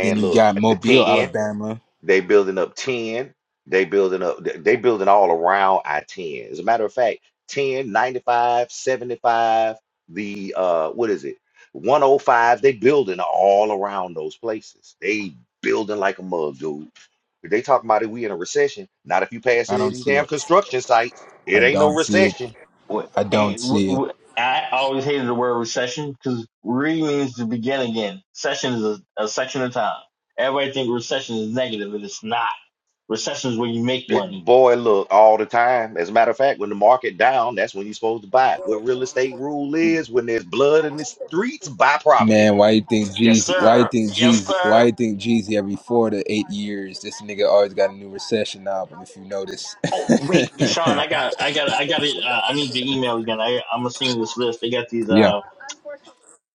[SPEAKER 2] Then you
[SPEAKER 1] look,
[SPEAKER 2] got
[SPEAKER 1] the
[SPEAKER 2] Mobile,
[SPEAKER 1] 10.
[SPEAKER 2] Alabama.
[SPEAKER 1] They building up 10. They building up, they they building all around I-10. As a matter of fact, 10 95 75. the uh what is it? 105, they building all around those places. They building like a mug, dude. If they talking about it, we in a recession. Not if you pass
[SPEAKER 2] I
[SPEAKER 1] any of
[SPEAKER 2] don't
[SPEAKER 1] these
[SPEAKER 2] see
[SPEAKER 1] damn
[SPEAKER 2] it.
[SPEAKER 1] construction sites. It
[SPEAKER 2] I
[SPEAKER 1] ain't no
[SPEAKER 2] don't see it.
[SPEAKER 1] recession.
[SPEAKER 3] What
[SPEAKER 2] I don't
[SPEAKER 3] and what,
[SPEAKER 2] see it.
[SPEAKER 3] what, I always hated the word recession because re means to begin again. Session is a, a section of time. Everybody think recession is negative, and it's not. Recession is where you make
[SPEAKER 1] It-
[SPEAKER 3] money.
[SPEAKER 1] boy, look, all the time. As a matter of fact, when the market down, that's when you're supposed to buy. What real estate rule is, when there's blood in the streets, buy property.
[SPEAKER 2] Man, why you think
[SPEAKER 3] Yes,
[SPEAKER 2] Jeezy? Why you
[SPEAKER 3] sir.
[SPEAKER 2] think
[SPEAKER 3] Yes,
[SPEAKER 2] Jeezy? Why
[SPEAKER 3] sir.
[SPEAKER 2] you think Jeezy every four to eight years? This nigga always got a new recession album. If you notice,
[SPEAKER 3] Oh, wait, Sean, I got, I got, I got it. Uh, I need your email again. I, I'm gonna send you this list. They got
[SPEAKER 2] *laughs*
[SPEAKER 3] these,
[SPEAKER 2] yeah.
[SPEAKER 3] uh,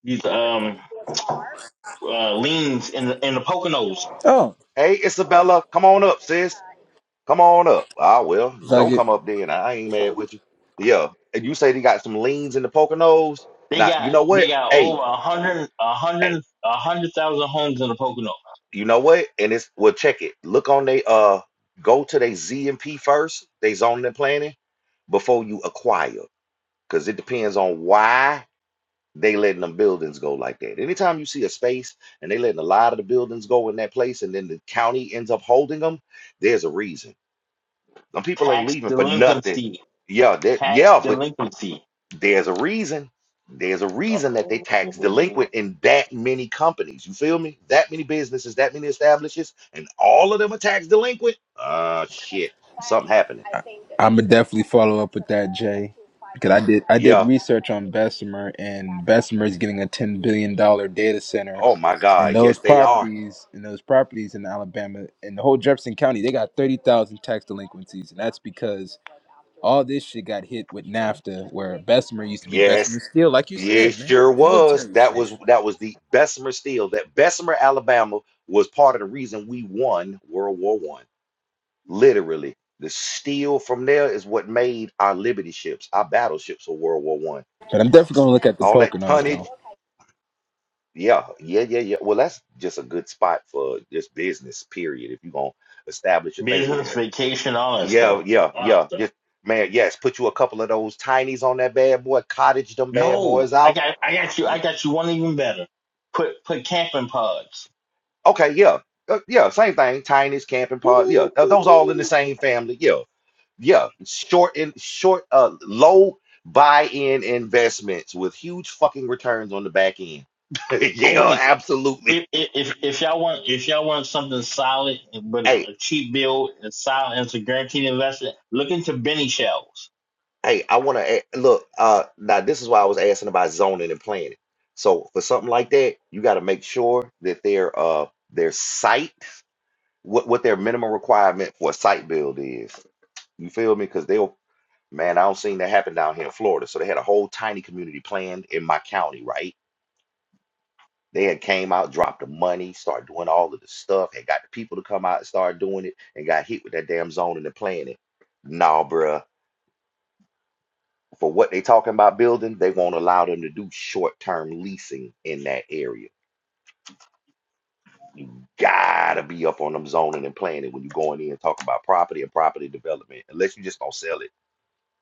[SPEAKER 3] these, um, uh, liens in the in the Poconos.
[SPEAKER 2] Oh,
[SPEAKER 1] Hey, Isabella, come on up, sis. Come on up. Ah, well,
[SPEAKER 2] if I
[SPEAKER 1] don't
[SPEAKER 2] get?
[SPEAKER 1] come up then. I ain't mad with you. Yeah, and you say they got some leans in the Poconos.
[SPEAKER 3] They
[SPEAKER 1] Now, you
[SPEAKER 3] got,
[SPEAKER 1] know what?
[SPEAKER 3] they got
[SPEAKER 1] Hey,
[SPEAKER 3] over a hundred, a
[SPEAKER 1] hey,
[SPEAKER 3] hundred, a hundred thousand homes in the Poconos.
[SPEAKER 1] you know what? And it's well, check it. Look on they uh, go to they Z and P first. They zoning and planning before you acquire, because it depends on why they letting them buildings go like that. Anytime you see a space and they letting a lot of the buildings go in that place, and then the county ends up holding them, there's a reason Some people ain't
[SPEAKER 3] Tax
[SPEAKER 1] leaving for nothing.
[SPEAKER 3] delinquency,
[SPEAKER 1] Yeah, that
[SPEAKER 3] tax
[SPEAKER 1] yeah, but
[SPEAKER 3] delinquency.
[SPEAKER 1] there's a reason. There's a reason that they tax
[SPEAKER 3] Uh-oh.
[SPEAKER 1] delinquent in that many companies. You feel me? That many businesses, that many establishments, and all of them are tax delinquent. Ah, shit. Something happening.
[SPEAKER 2] I'm gonna definitely follow up with that, Jay, because I did I did
[SPEAKER 1] Yeah.
[SPEAKER 2] research on Bessemer, and Bessemer is getting a ten billion dollar data center,
[SPEAKER 1] Oh my
[SPEAKER 2] and
[SPEAKER 1] God.
[SPEAKER 2] those
[SPEAKER 1] Yes, they are.
[SPEAKER 2] properties and those properties in Alabama and the whole Jefferson County, they got thirty thousand tax delinquencies, and that's because all this shit got hit with NAFTA, where Bessemer used to be Bessemer
[SPEAKER 1] Yes.
[SPEAKER 2] Steel, like you
[SPEAKER 1] It
[SPEAKER 2] said, man.
[SPEAKER 1] sure was. That was that was the Bessemer Steel. That Bessemer, Alabama was part of the reason we won World War One. Literally, the steel from there is what made our liberty ships, our battleships of World War One.
[SPEAKER 2] But I'm definitely gonna look at the
[SPEAKER 1] All that
[SPEAKER 2] Poconos
[SPEAKER 1] tonnage.
[SPEAKER 2] though,
[SPEAKER 1] Yeah, yeah, yeah, yeah. Well, that's just a good spot for just business, period. If you're gonna establish a thing
[SPEAKER 3] Business
[SPEAKER 1] there.
[SPEAKER 3] vacation, all that stuff,
[SPEAKER 1] Yeah, yeah,
[SPEAKER 3] all that
[SPEAKER 1] yeah.
[SPEAKER 3] stuff.
[SPEAKER 1] Just man, yes, put you a couple of those tinies on that bad boy, cottage them bad
[SPEAKER 3] No,
[SPEAKER 1] boys
[SPEAKER 3] I
[SPEAKER 1] out.
[SPEAKER 3] got, I got you, I got you one even better. Put, put camping pods.
[SPEAKER 1] Okay, yeah. Uh, yeah, same thing. Tinies, camping pods. Yeah,
[SPEAKER 3] Oh
[SPEAKER 1] th- those all in the same family. Yeah yeah, short and short, uh, low buy-in investments with huge fucking returns on the back end. *laughs* yeah,
[SPEAKER 3] wait,
[SPEAKER 1] absolutely.
[SPEAKER 3] if if if y'all want if y'all want something solid but a
[SPEAKER 1] Hey,
[SPEAKER 3] cheap build and solid and it's a guaranteed investment, look into Benny shells.
[SPEAKER 1] hey, I want to look. Uh, now this is why I was asking about zoning and planning. So for something like that, you got to make sure that their uh their site, what what their minimum requirement for a site build is. You feel me? Because they'll man, I don't seen that happen down here in Florida. So they had a whole tiny community planned in my county, right? They had came out, dropped the money, started doing all of the stuff, and got the people to come out and start doing it, and got hit with that damn zoning and planning. Nah, bruh. For what they talking about building, they won't allow them to do short-term leasing in that area. You gotta be up on them zoning and planning when you going in and talking about property and property development, unless you just gonna sell it.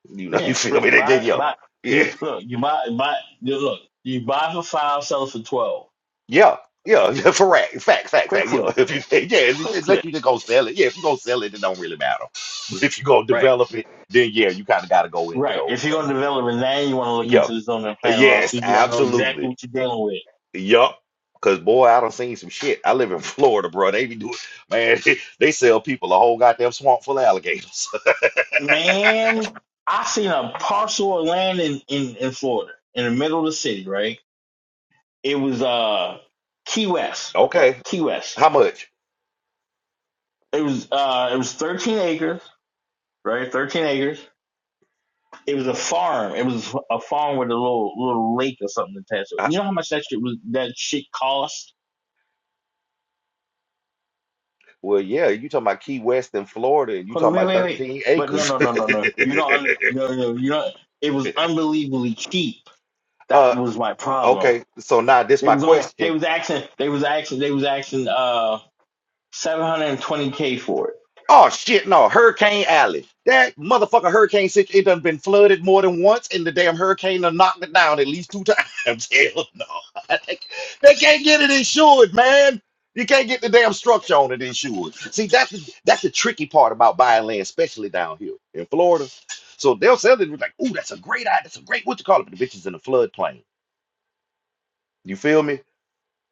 [SPEAKER 1] You know, *laughs* you
[SPEAKER 3] Yeah,
[SPEAKER 1] feel me?
[SPEAKER 3] flip,
[SPEAKER 1] They
[SPEAKER 3] buy
[SPEAKER 1] give you
[SPEAKER 3] buy
[SPEAKER 1] yeah.
[SPEAKER 3] you look you buy buy you look you buy for five, sell it for twelve.
[SPEAKER 1] Yeah, yeah, *laughs* for right. Fact, fact, fact.
[SPEAKER 3] Quick
[SPEAKER 1] Yeah, *laughs*
[SPEAKER 3] flip,
[SPEAKER 1] if you say, yeah, if you-
[SPEAKER 3] quick
[SPEAKER 1] unless
[SPEAKER 3] flip.
[SPEAKER 1] you just go sell it. Yeah, if you go sell it, it don't really matter. But if you go
[SPEAKER 3] Right,
[SPEAKER 1] develop it, then yeah, you kind of got to go into
[SPEAKER 3] right.
[SPEAKER 1] those
[SPEAKER 3] If you're gonna
[SPEAKER 1] things.
[SPEAKER 3] develop a now, you want to look
[SPEAKER 1] Yeah,
[SPEAKER 3] into the zoning and planning law, so
[SPEAKER 1] yes,
[SPEAKER 3] you want to know exactly
[SPEAKER 1] absolutely.
[SPEAKER 3] what you're dealing with.
[SPEAKER 1] Yup. Cause boy, I done seen some shit. I live in Florida, bro. They be doing, man. *laughs* They sell people a whole goddamn swamp full of alligators. *laughs*
[SPEAKER 3] Man, I seen a parcel of land in in in Florida in the middle of the city, right? It was uh Key West.
[SPEAKER 1] Okay,
[SPEAKER 3] Key West.
[SPEAKER 1] how much?
[SPEAKER 3] It was uh it was thirteen acres, right? Thirteen acres. It was a farm. It was a farm with a little little lake or something attached to it.
[SPEAKER 1] I,
[SPEAKER 3] You know how much that shit was that shit cost?
[SPEAKER 1] well, yeah, you talking about Key West in Florida, and you
[SPEAKER 3] Hold on,
[SPEAKER 1] talking
[SPEAKER 3] wait,
[SPEAKER 1] about
[SPEAKER 3] wait, wait.
[SPEAKER 1] thirteen
[SPEAKER 3] But no
[SPEAKER 1] acres.
[SPEAKER 3] no
[SPEAKER 1] *laughs*
[SPEAKER 3] no no no. You don't under, no no no. you don't it was unbelievably cheap.
[SPEAKER 1] Uh.
[SPEAKER 3] That was my problem.
[SPEAKER 1] Okay, so now this
[SPEAKER 3] They
[SPEAKER 1] my
[SPEAKER 3] was only they
[SPEAKER 1] question.
[SPEAKER 3] was asking they was asking they was asking uh seven hundred and twenty K for it.
[SPEAKER 1] Oh shit, no, Hurricane Alley. That motherfucker hurricane sick, it done been flooded more than once, and the damn hurricane done knocked it down at least two times. *laughs* Hell no. *laughs* they, they can't get it insured, man. You can't get the damn structure on it insured. See, that's the that's the tricky part about buying land, especially down here in Florida. So they'll sell it like, ooh, that's a great idea, that's a great what you call it, but the bitch is in the floodplain. You feel me?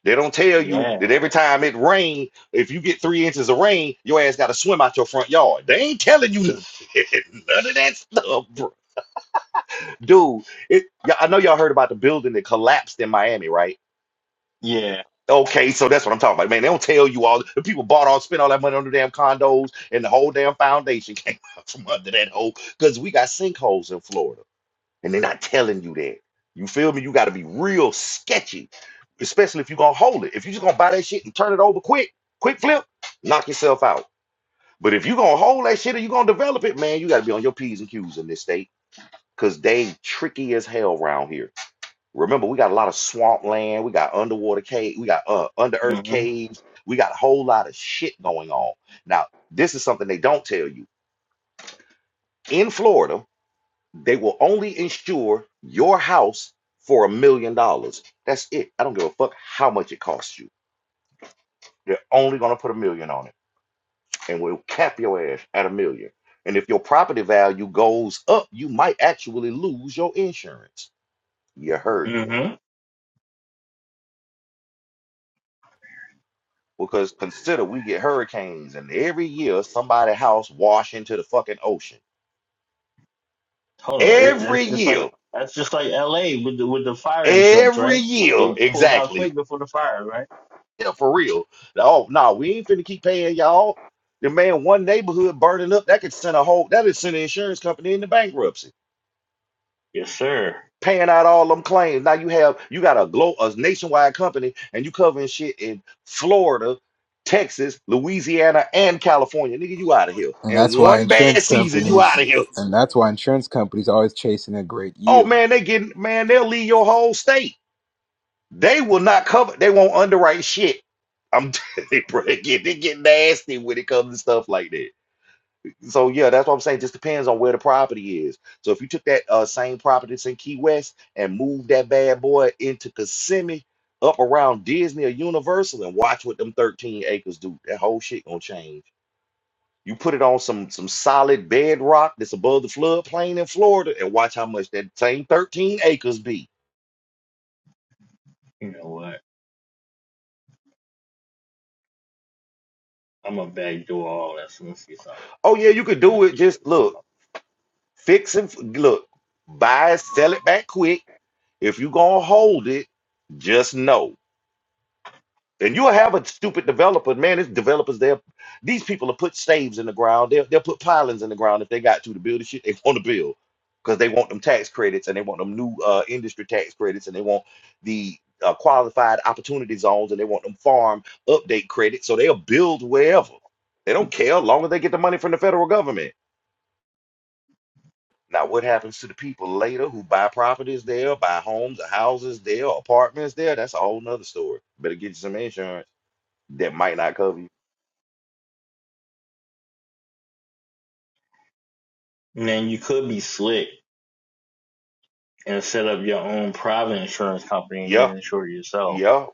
[SPEAKER 1] They don't tell you
[SPEAKER 3] Yeah.
[SPEAKER 1] that every time it rains, if you get three inches of rain, your ass got to swim out your front yard. They ain't telling you *laughs* none of that stuff, bro. dude. It, you I know y'all heard about the building that collapsed in Miami, right?
[SPEAKER 3] Yeah.
[SPEAKER 1] Okay, so that's what I'm talking about, man. They don't tell you all the people bought all, spent all that money on the damn condos, and the whole damn foundation *laughs* came out from under that hole because we got sinkholes in Florida and they're not telling you that. You feel me? You got to be real sketchy, especially if you're gonna hold it. If you're just gonna buy that shit and turn it over quick, quick flip, knock yourself out. But if you're gonna hold that shit and you're gonna develop it, man, you got to be on your p's and q's in this state because they tricky as hell around here. Remember, we got a lot of swamp land, we got underwater cave, we got uh, under earth
[SPEAKER 3] hmm
[SPEAKER 1] caves, we got a whole lot of shit going on. Now, this is something they don't tell you in Florida They will only insure your house for a million dollars. That's it. I don't give a fuck how much it costs you. They're only gonna put a million on it, and we'll cap your ass at a million. And if your property value goes up, you might actually lose your insurance. You heard me.
[SPEAKER 3] hmm
[SPEAKER 1] Because consider we get hurricanes, and every year somebody's house wash into the fucking ocean.
[SPEAKER 3] Hold on, it,
[SPEAKER 1] Every
[SPEAKER 3] that's just like
[SPEAKER 1] year,
[SPEAKER 3] that's just like L.A. with the with the fire insurance,
[SPEAKER 1] every
[SPEAKER 3] right?
[SPEAKER 1] year,
[SPEAKER 3] They pulled out
[SPEAKER 1] exactly.
[SPEAKER 3] quick before the fire, right?
[SPEAKER 1] Yeah, for real. Oh no, we ain't finna keep paying y'all. The man, one neighborhood burning up, that could send a whole that could send an insurance company into bankruptcy,
[SPEAKER 3] Yes, sir.
[SPEAKER 1] paying out all them claims. Now you have you got a glow a nationwide company and you covering shit in Florida, Texas, Louisiana, and California. Nigga, you out of here.
[SPEAKER 2] and that's
[SPEAKER 1] And
[SPEAKER 2] why
[SPEAKER 1] one bad
[SPEAKER 2] insurance
[SPEAKER 1] season, you out
[SPEAKER 2] companies,
[SPEAKER 1] of here.
[SPEAKER 2] and that's why insurance companies always chasing a great
[SPEAKER 1] Oh
[SPEAKER 2] yield.
[SPEAKER 1] man, they getting man, they'll leave your whole state. They will not cover, they won't underwrite shit. I'm *laughs* they bro, they get they get nasty when it comes to stuff like that. So yeah, that's what I'm saying. Just depends on where the property is. So if you took that uh, same property that's in Key West and moved that bad boy into Kissimmee, up around Disney or Universal, and watch what them 13 acres do. That whole shit gonna change. You put it on some some solid bedrock that's above the floodplain in Florida, and watch how much that same 13 acres be.
[SPEAKER 3] You know what? I'm a backdoor all that. let me see something.
[SPEAKER 1] Oh yeah, you could
[SPEAKER 3] let me
[SPEAKER 1] do it.
[SPEAKER 3] see.
[SPEAKER 1] Just look, fix and f- look, buy, it, sell it back quick. If you gonna hold it, just know. And you'll have a stupid developer, man. It's developers there. These people will put staves in the ground. They'll, they'll put pilings in the ground if they got to to build the shit they want to build because they want them tax credits and they want them new uh, industry tax credits and they want the uh, qualified opportunity zones and they want them farm update credits. So they'll build wherever. They don't care long as they get the money from the federal government. Now, what happens to the people later who buy properties there, buy homes or houses there, apartments there? That's a whole nother story. Better get you some insurance that might not cover you.
[SPEAKER 3] Man, you could be slick and set up your own private insurance company and
[SPEAKER 1] Yeah,
[SPEAKER 3] then insure yourself.
[SPEAKER 1] yeah,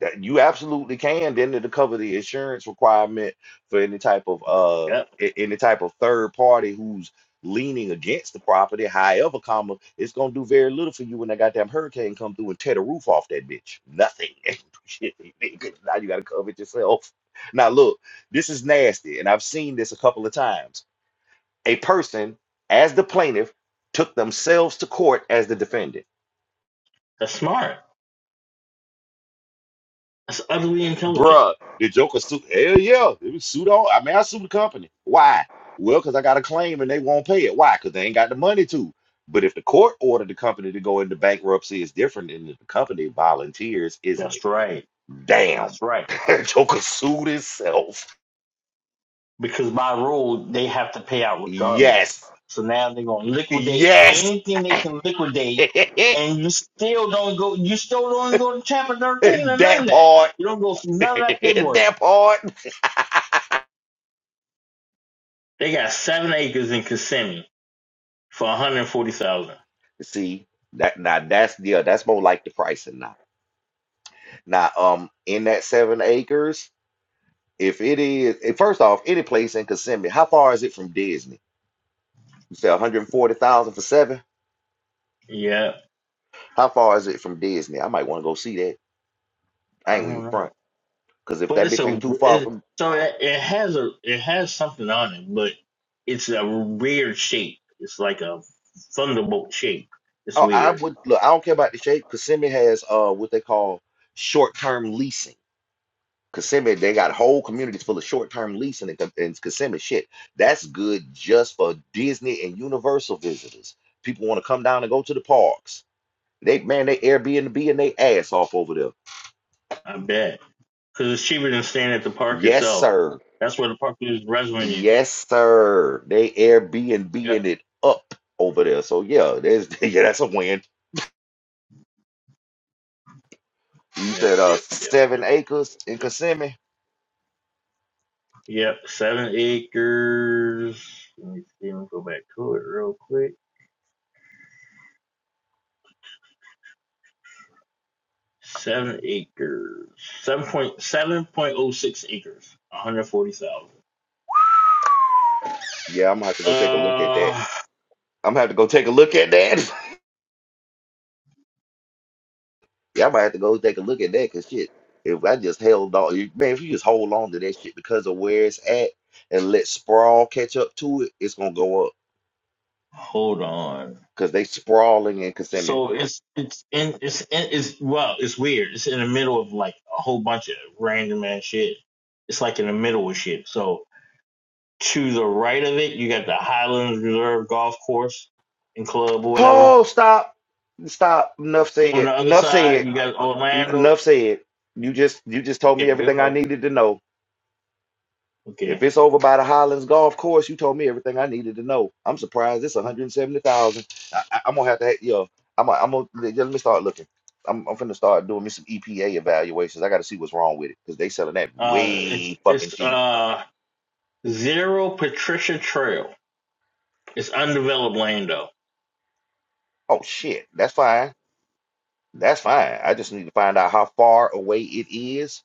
[SPEAKER 1] that you absolutely can. Then to cover the insurance requirement for any type of uh
[SPEAKER 3] Yep,
[SPEAKER 1] a- any type of third party who's leaning against the property, however, comma, it's gonna do very little for you when that goddamn hurricane come through and tear the roof off that bitch. Nothing. *laughs* Shit, nigga, now you gotta cover it yourself. Now look, this is nasty, and I've seen this a couple of times. A person, as the plaintiff, took themselves to court as the defendant.
[SPEAKER 3] that's smart. That's utterly intelligent.
[SPEAKER 1] Bruh, the Joker suit. Hell yeah, it was suit on. I mean, I sued the company. Why? Well, because I got a claim and they won't pay it. Why? Because they ain't got the money to. But if the court ordered the company to go into bankruptcy, it's different than if the company volunteers, isn't it?
[SPEAKER 3] That's right.
[SPEAKER 1] Damn.
[SPEAKER 3] That's right.
[SPEAKER 1] *laughs* Joker sued himself.
[SPEAKER 3] because by rule they have to pay out regardless.
[SPEAKER 1] Yes.
[SPEAKER 3] So now they're gonna liquidate
[SPEAKER 1] Yes.
[SPEAKER 3] anything they
[SPEAKER 1] *laughs*
[SPEAKER 3] can liquidate,
[SPEAKER 1] that
[SPEAKER 3] and you still don't go. You still don't go to Chapter Thirteen or none of that.
[SPEAKER 1] part.
[SPEAKER 3] You don't go through
[SPEAKER 1] *laughs*
[SPEAKER 3] none of that paperwork.
[SPEAKER 1] that part. *laughs*
[SPEAKER 3] They got seven acres in Kissimmee for one hundred forty thousand.
[SPEAKER 1] See, that now that's yeah, that's more like the pricing now. Now, um, in that seven acres, if it is, eh, first off, any place in Kissimmee, how far is it from Disney? You say 140,000 for seven?
[SPEAKER 3] Yeah,
[SPEAKER 1] How far is it from Disney? I might want to go see that. I
[SPEAKER 3] I
[SPEAKER 1] ain't even
[SPEAKER 3] don't know,
[SPEAKER 1] front. Because if
[SPEAKER 3] but
[SPEAKER 1] that
[SPEAKER 3] it's
[SPEAKER 1] bitch ain't
[SPEAKER 3] a
[SPEAKER 1] too far
[SPEAKER 3] it,
[SPEAKER 1] from,
[SPEAKER 3] so it, it has a it has something on it, but it's a weird shape. It's like a thunderbolt shape. It's
[SPEAKER 1] oh, I
[SPEAKER 3] weird.
[SPEAKER 1] would, look, I don't care about the shape. Kissimmee has uh what they call short-term leasing. Kissimmee, they got whole communities full of short-term leasing in, Ki- in Kissimmee. Shit, that's good just for Disney and Universal visitors. People want to come down and go to the parks They man, they Airbnb and they ass off over there.
[SPEAKER 3] I bet. because it's cheaper than staying at the park
[SPEAKER 1] Yes,
[SPEAKER 3] itself.
[SPEAKER 1] sir.
[SPEAKER 3] That's where the park is rescuing you.
[SPEAKER 1] Yes, sir. They Airbnb-ing
[SPEAKER 3] Yep,
[SPEAKER 1] it up over there. So yeah, there's *laughs* yeah, that's a win. You
[SPEAKER 3] yep,
[SPEAKER 1] said uh
[SPEAKER 3] yep, yep,
[SPEAKER 1] seven
[SPEAKER 3] yep.
[SPEAKER 1] acres in Kissimmee.
[SPEAKER 3] Yep, seven acres. Let me see. Let me go back to it real quick. Seven acres. Seven point seven point oh six acres. One hundred forty thousand.
[SPEAKER 1] Yeah, I'm gonna have to go take a look at that.
[SPEAKER 3] Uh,
[SPEAKER 1] I'm gonna have to go take a look at that. *laughs* yeah, I might have to go take a look at that because shit, if I just held on, you- man, if you just hold on to that shit because of where it's at and let sprawl catch up to it, it's gonna go up
[SPEAKER 3] hold on.
[SPEAKER 1] because they sprawling in Kissimmee.
[SPEAKER 3] So it's it's in it's in, it's well it's weird. It's in the middle of like a whole bunch of random ass shit. It's like in the middle of shit. So To the right of it, you got the Highlands Reserve Golf Course and Club or whatever.
[SPEAKER 1] Oh, stop. Stop. Enough
[SPEAKER 3] On
[SPEAKER 1] said.
[SPEAKER 3] the other
[SPEAKER 1] Enough
[SPEAKER 3] side,
[SPEAKER 1] said.
[SPEAKER 3] you got
[SPEAKER 1] En-
[SPEAKER 3] Orlando.
[SPEAKER 1] Enough said. You just you just told me
[SPEAKER 3] Okay, good.
[SPEAKER 1] everything I needed to know. If
[SPEAKER 3] Okay,
[SPEAKER 1] it's over by the Highlands Golf Course, you told me everything I needed to know. I'm surprised it's 170,000. I, I, I'm gonna have to, yo, I'm gonna, I'm gonna let let me start looking. I'm, I'm finna start doing me some EPA evaluations. I gotta see what's wrong with it because they selling that
[SPEAKER 3] uh, it's
[SPEAKER 1] way fucking
[SPEAKER 3] it's
[SPEAKER 1] cheap.
[SPEAKER 3] uh Zero Patricia Trail. It's undeveloped land though.
[SPEAKER 1] Oh shit, that's fine. That's fine. I just need to find out how far away it is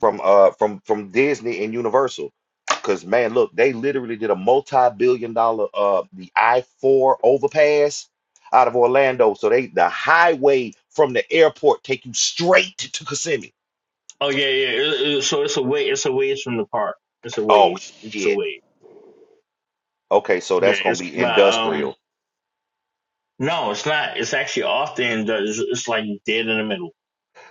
[SPEAKER 1] from uh from from Disney and Universal. Cause man, look, they literally did a multi-billion dollar uh the I-4 overpass out of Orlando. So they the highway from the airport take you straight to Kissimmee.
[SPEAKER 3] Oh yeah, yeah. it- it- so it's a way. It's a ways from the park. It's a
[SPEAKER 1] Oh
[SPEAKER 3] ways. It's a
[SPEAKER 1] shit.
[SPEAKER 3] way.
[SPEAKER 1] Okay, so
[SPEAKER 3] Yeah,
[SPEAKER 1] that's gonna
[SPEAKER 3] it's
[SPEAKER 1] be
[SPEAKER 3] by
[SPEAKER 1] industrial.
[SPEAKER 3] um. No, it's not. It's actually off the end. It's, it's like dead in the middle.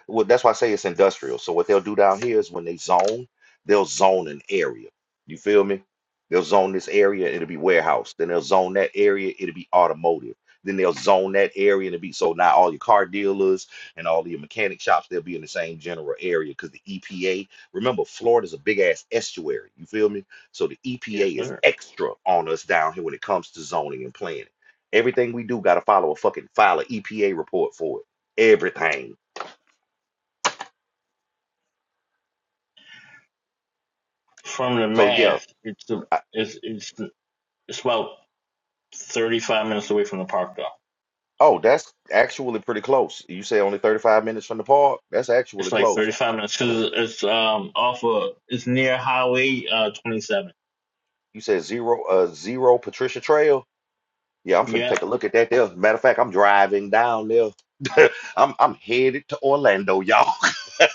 [SPEAKER 1] Well, that's why I say it's industrial. So what they'll do down here is when they zone, they'll zone an area. You feel me? They'll zone this area, it'll be warehouse. Then they'll zone that area, it'll be automotive. Then they'll zone that area and it'll be so now all your car dealers and all your mechanic shops, they'll be in the same general area because the EPA, remember, Florida's a big ass estuary. You feel me? So the
[SPEAKER 3] Yes,
[SPEAKER 1] EPA is
[SPEAKER 3] sir.
[SPEAKER 1] extra on us down here when it comes to zoning and planning. Everything we do gotta follow a fucking file an EPA report for it. Everything.
[SPEAKER 3] From the
[SPEAKER 1] So yeah,
[SPEAKER 3] math, it's a,
[SPEAKER 1] I,
[SPEAKER 3] it's it's it's about 35 minutes away from the park though.
[SPEAKER 1] oh, that's actually pretty close. You say only 35 minutes from the park? That's actually
[SPEAKER 3] It's like
[SPEAKER 1] close.
[SPEAKER 3] 35 minutes because it's um off of it's near Highway uh 27.
[SPEAKER 1] You said zero, uh, zero Patricia Trail? Yeah, I'm finna take
[SPEAKER 3] Yeah,
[SPEAKER 1] a look at that there. Matter of fact, I'm driving down there. *laughs* I'm I'm headed to Orlando, y'all. *laughs*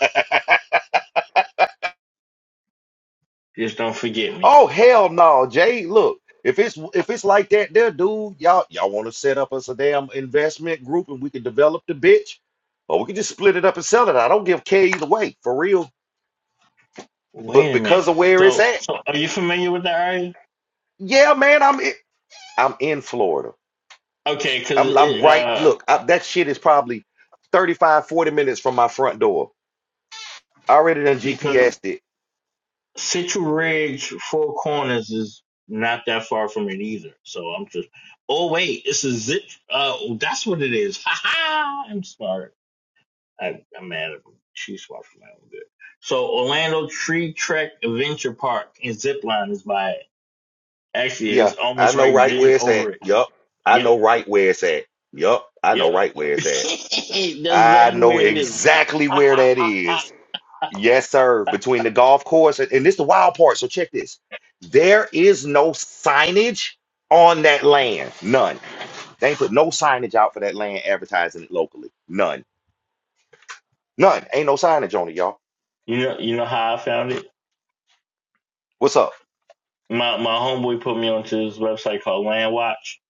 [SPEAKER 3] just don't forget me.
[SPEAKER 1] Oh, hell no, Jay. Look, if it's if it's like that there, dude, y'all y'all want to set up us a damn investment group and we can develop the bitch, or we can just split it up and sell it. I don't give a care either way, for real. But
[SPEAKER 3] Wait a
[SPEAKER 1] because
[SPEAKER 3] minute.
[SPEAKER 1] of where it's
[SPEAKER 3] So
[SPEAKER 1] at,
[SPEAKER 3] so are you familiar with that area?
[SPEAKER 1] yeah, man, I'm. I'm in Florida.
[SPEAKER 3] Okay, because
[SPEAKER 1] I'm, I'm
[SPEAKER 3] it
[SPEAKER 1] right.
[SPEAKER 3] uh
[SPEAKER 1] Look, I, that shit is probably 35, 40 minutes from my front door. I already done
[SPEAKER 3] because
[SPEAKER 1] GPSed it.
[SPEAKER 3] Citrus Ridge Four Corners is not that far from it either. So I'm just oh wait, it's a zip. Uh, that's what it is. Ha *laughs* ha! I'm smart. I, I'm mad at Chiefs watch for my own good. So Orlando Tree Trek Adventure Park and Zipline is by it. Actually,
[SPEAKER 1] Yeah,
[SPEAKER 3] it's
[SPEAKER 1] I
[SPEAKER 3] almost
[SPEAKER 1] know
[SPEAKER 3] right
[SPEAKER 1] right
[SPEAKER 3] there
[SPEAKER 1] where it's at.
[SPEAKER 3] over it.
[SPEAKER 1] Yup. I
[SPEAKER 3] Yep,
[SPEAKER 1] know right where it's at. Yup. I know
[SPEAKER 3] yep.
[SPEAKER 1] right where
[SPEAKER 3] *laughs*
[SPEAKER 1] it's
[SPEAKER 3] That's
[SPEAKER 1] at. I
[SPEAKER 3] exactly
[SPEAKER 1] know
[SPEAKER 3] where it is.
[SPEAKER 1] exactly
[SPEAKER 3] *laughs*
[SPEAKER 1] where that is. Yes, sir. Between the golf course and, and this the wild part. So check this. There is no signage on that land. None. They ain't put no signage out for that land advertising it locally. None. None. Ain't no signage on it, y'all.
[SPEAKER 3] you know, you know how I found it.
[SPEAKER 1] What's up?
[SPEAKER 3] My my homeboy put me onto this website called Land Watch.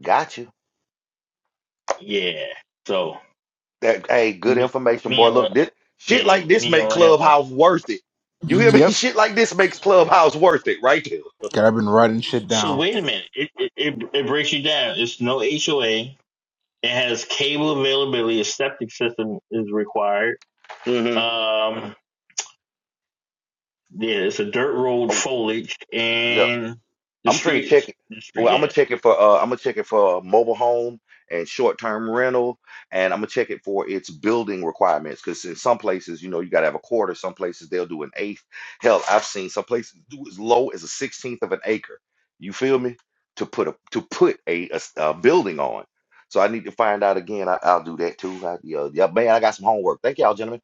[SPEAKER 1] Got you.
[SPEAKER 3] Yeah. So
[SPEAKER 1] That hey, good
[SPEAKER 3] me
[SPEAKER 1] information,
[SPEAKER 3] me
[SPEAKER 1] boy.
[SPEAKER 3] and
[SPEAKER 1] Look, this shit
[SPEAKER 3] yeah
[SPEAKER 1] like this
[SPEAKER 3] me and
[SPEAKER 1] make
[SPEAKER 3] Land Watch.
[SPEAKER 1] Clubhouse worth it. You hear me? *laughs*
[SPEAKER 2] Yep.
[SPEAKER 1] Shit like this makes Clubhouse worth it, right there.
[SPEAKER 2] God, I've been writing shit
[SPEAKER 3] So
[SPEAKER 2] down.
[SPEAKER 3] wait a minute. It it it, it breaks you down. It's no HOA. It has cable availability. A septic system is required.
[SPEAKER 1] Mm-hmm.
[SPEAKER 3] Um, yeah, it's a dirt road
[SPEAKER 1] Oh,
[SPEAKER 3] foliage
[SPEAKER 1] yeah.
[SPEAKER 3] and the
[SPEAKER 1] I'm finna check
[SPEAKER 3] streets.
[SPEAKER 1] it.
[SPEAKER 3] The street,
[SPEAKER 1] Well, I'm gonna
[SPEAKER 3] yeah.
[SPEAKER 1] check it for uh, I'm gonna check it for mobile home and short-term rental, and I'm gonna check it for its building requirements. Because in some places, you know, you gotta have a quarter. Some places they'll do an eighth. Hell, I've seen some places do as low as a sixteenth of an acre. You feel me? To put a to put a, a s- a building on. So I need to find out again. I, I'll do that too. I, yeah, yeah, man, I got some homework. Thank y'all, gentlemen.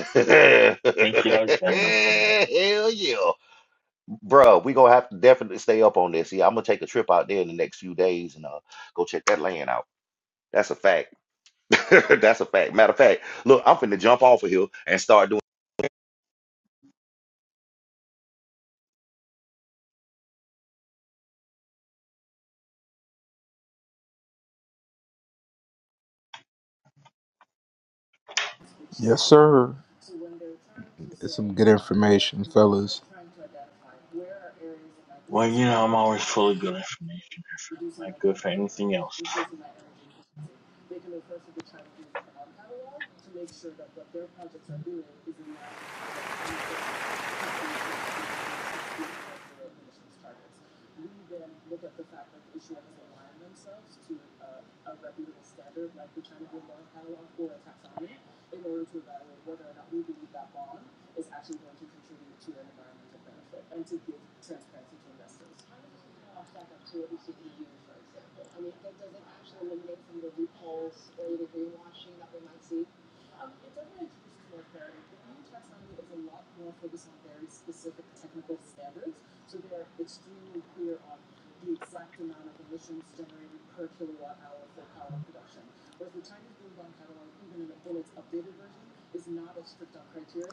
[SPEAKER 1] *laughs* Hell
[SPEAKER 3] Thank you, all gentlemen.
[SPEAKER 1] yeah. Bro, we gonna have to definitely stay up on this. Yeah, I'm gonna take a trip out there in the next few days and uh go check that land out. That's a fact. *laughs* That's a fact. Matter of fact, look, I'm finna jump off of here and start doing.
[SPEAKER 2] Yes, sir. It's some good information, fellas.
[SPEAKER 3] Well, you know, I'm always full of good information. I'm Not good for anything else.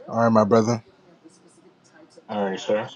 [SPEAKER 2] All right, my brother.
[SPEAKER 3] All right, sir.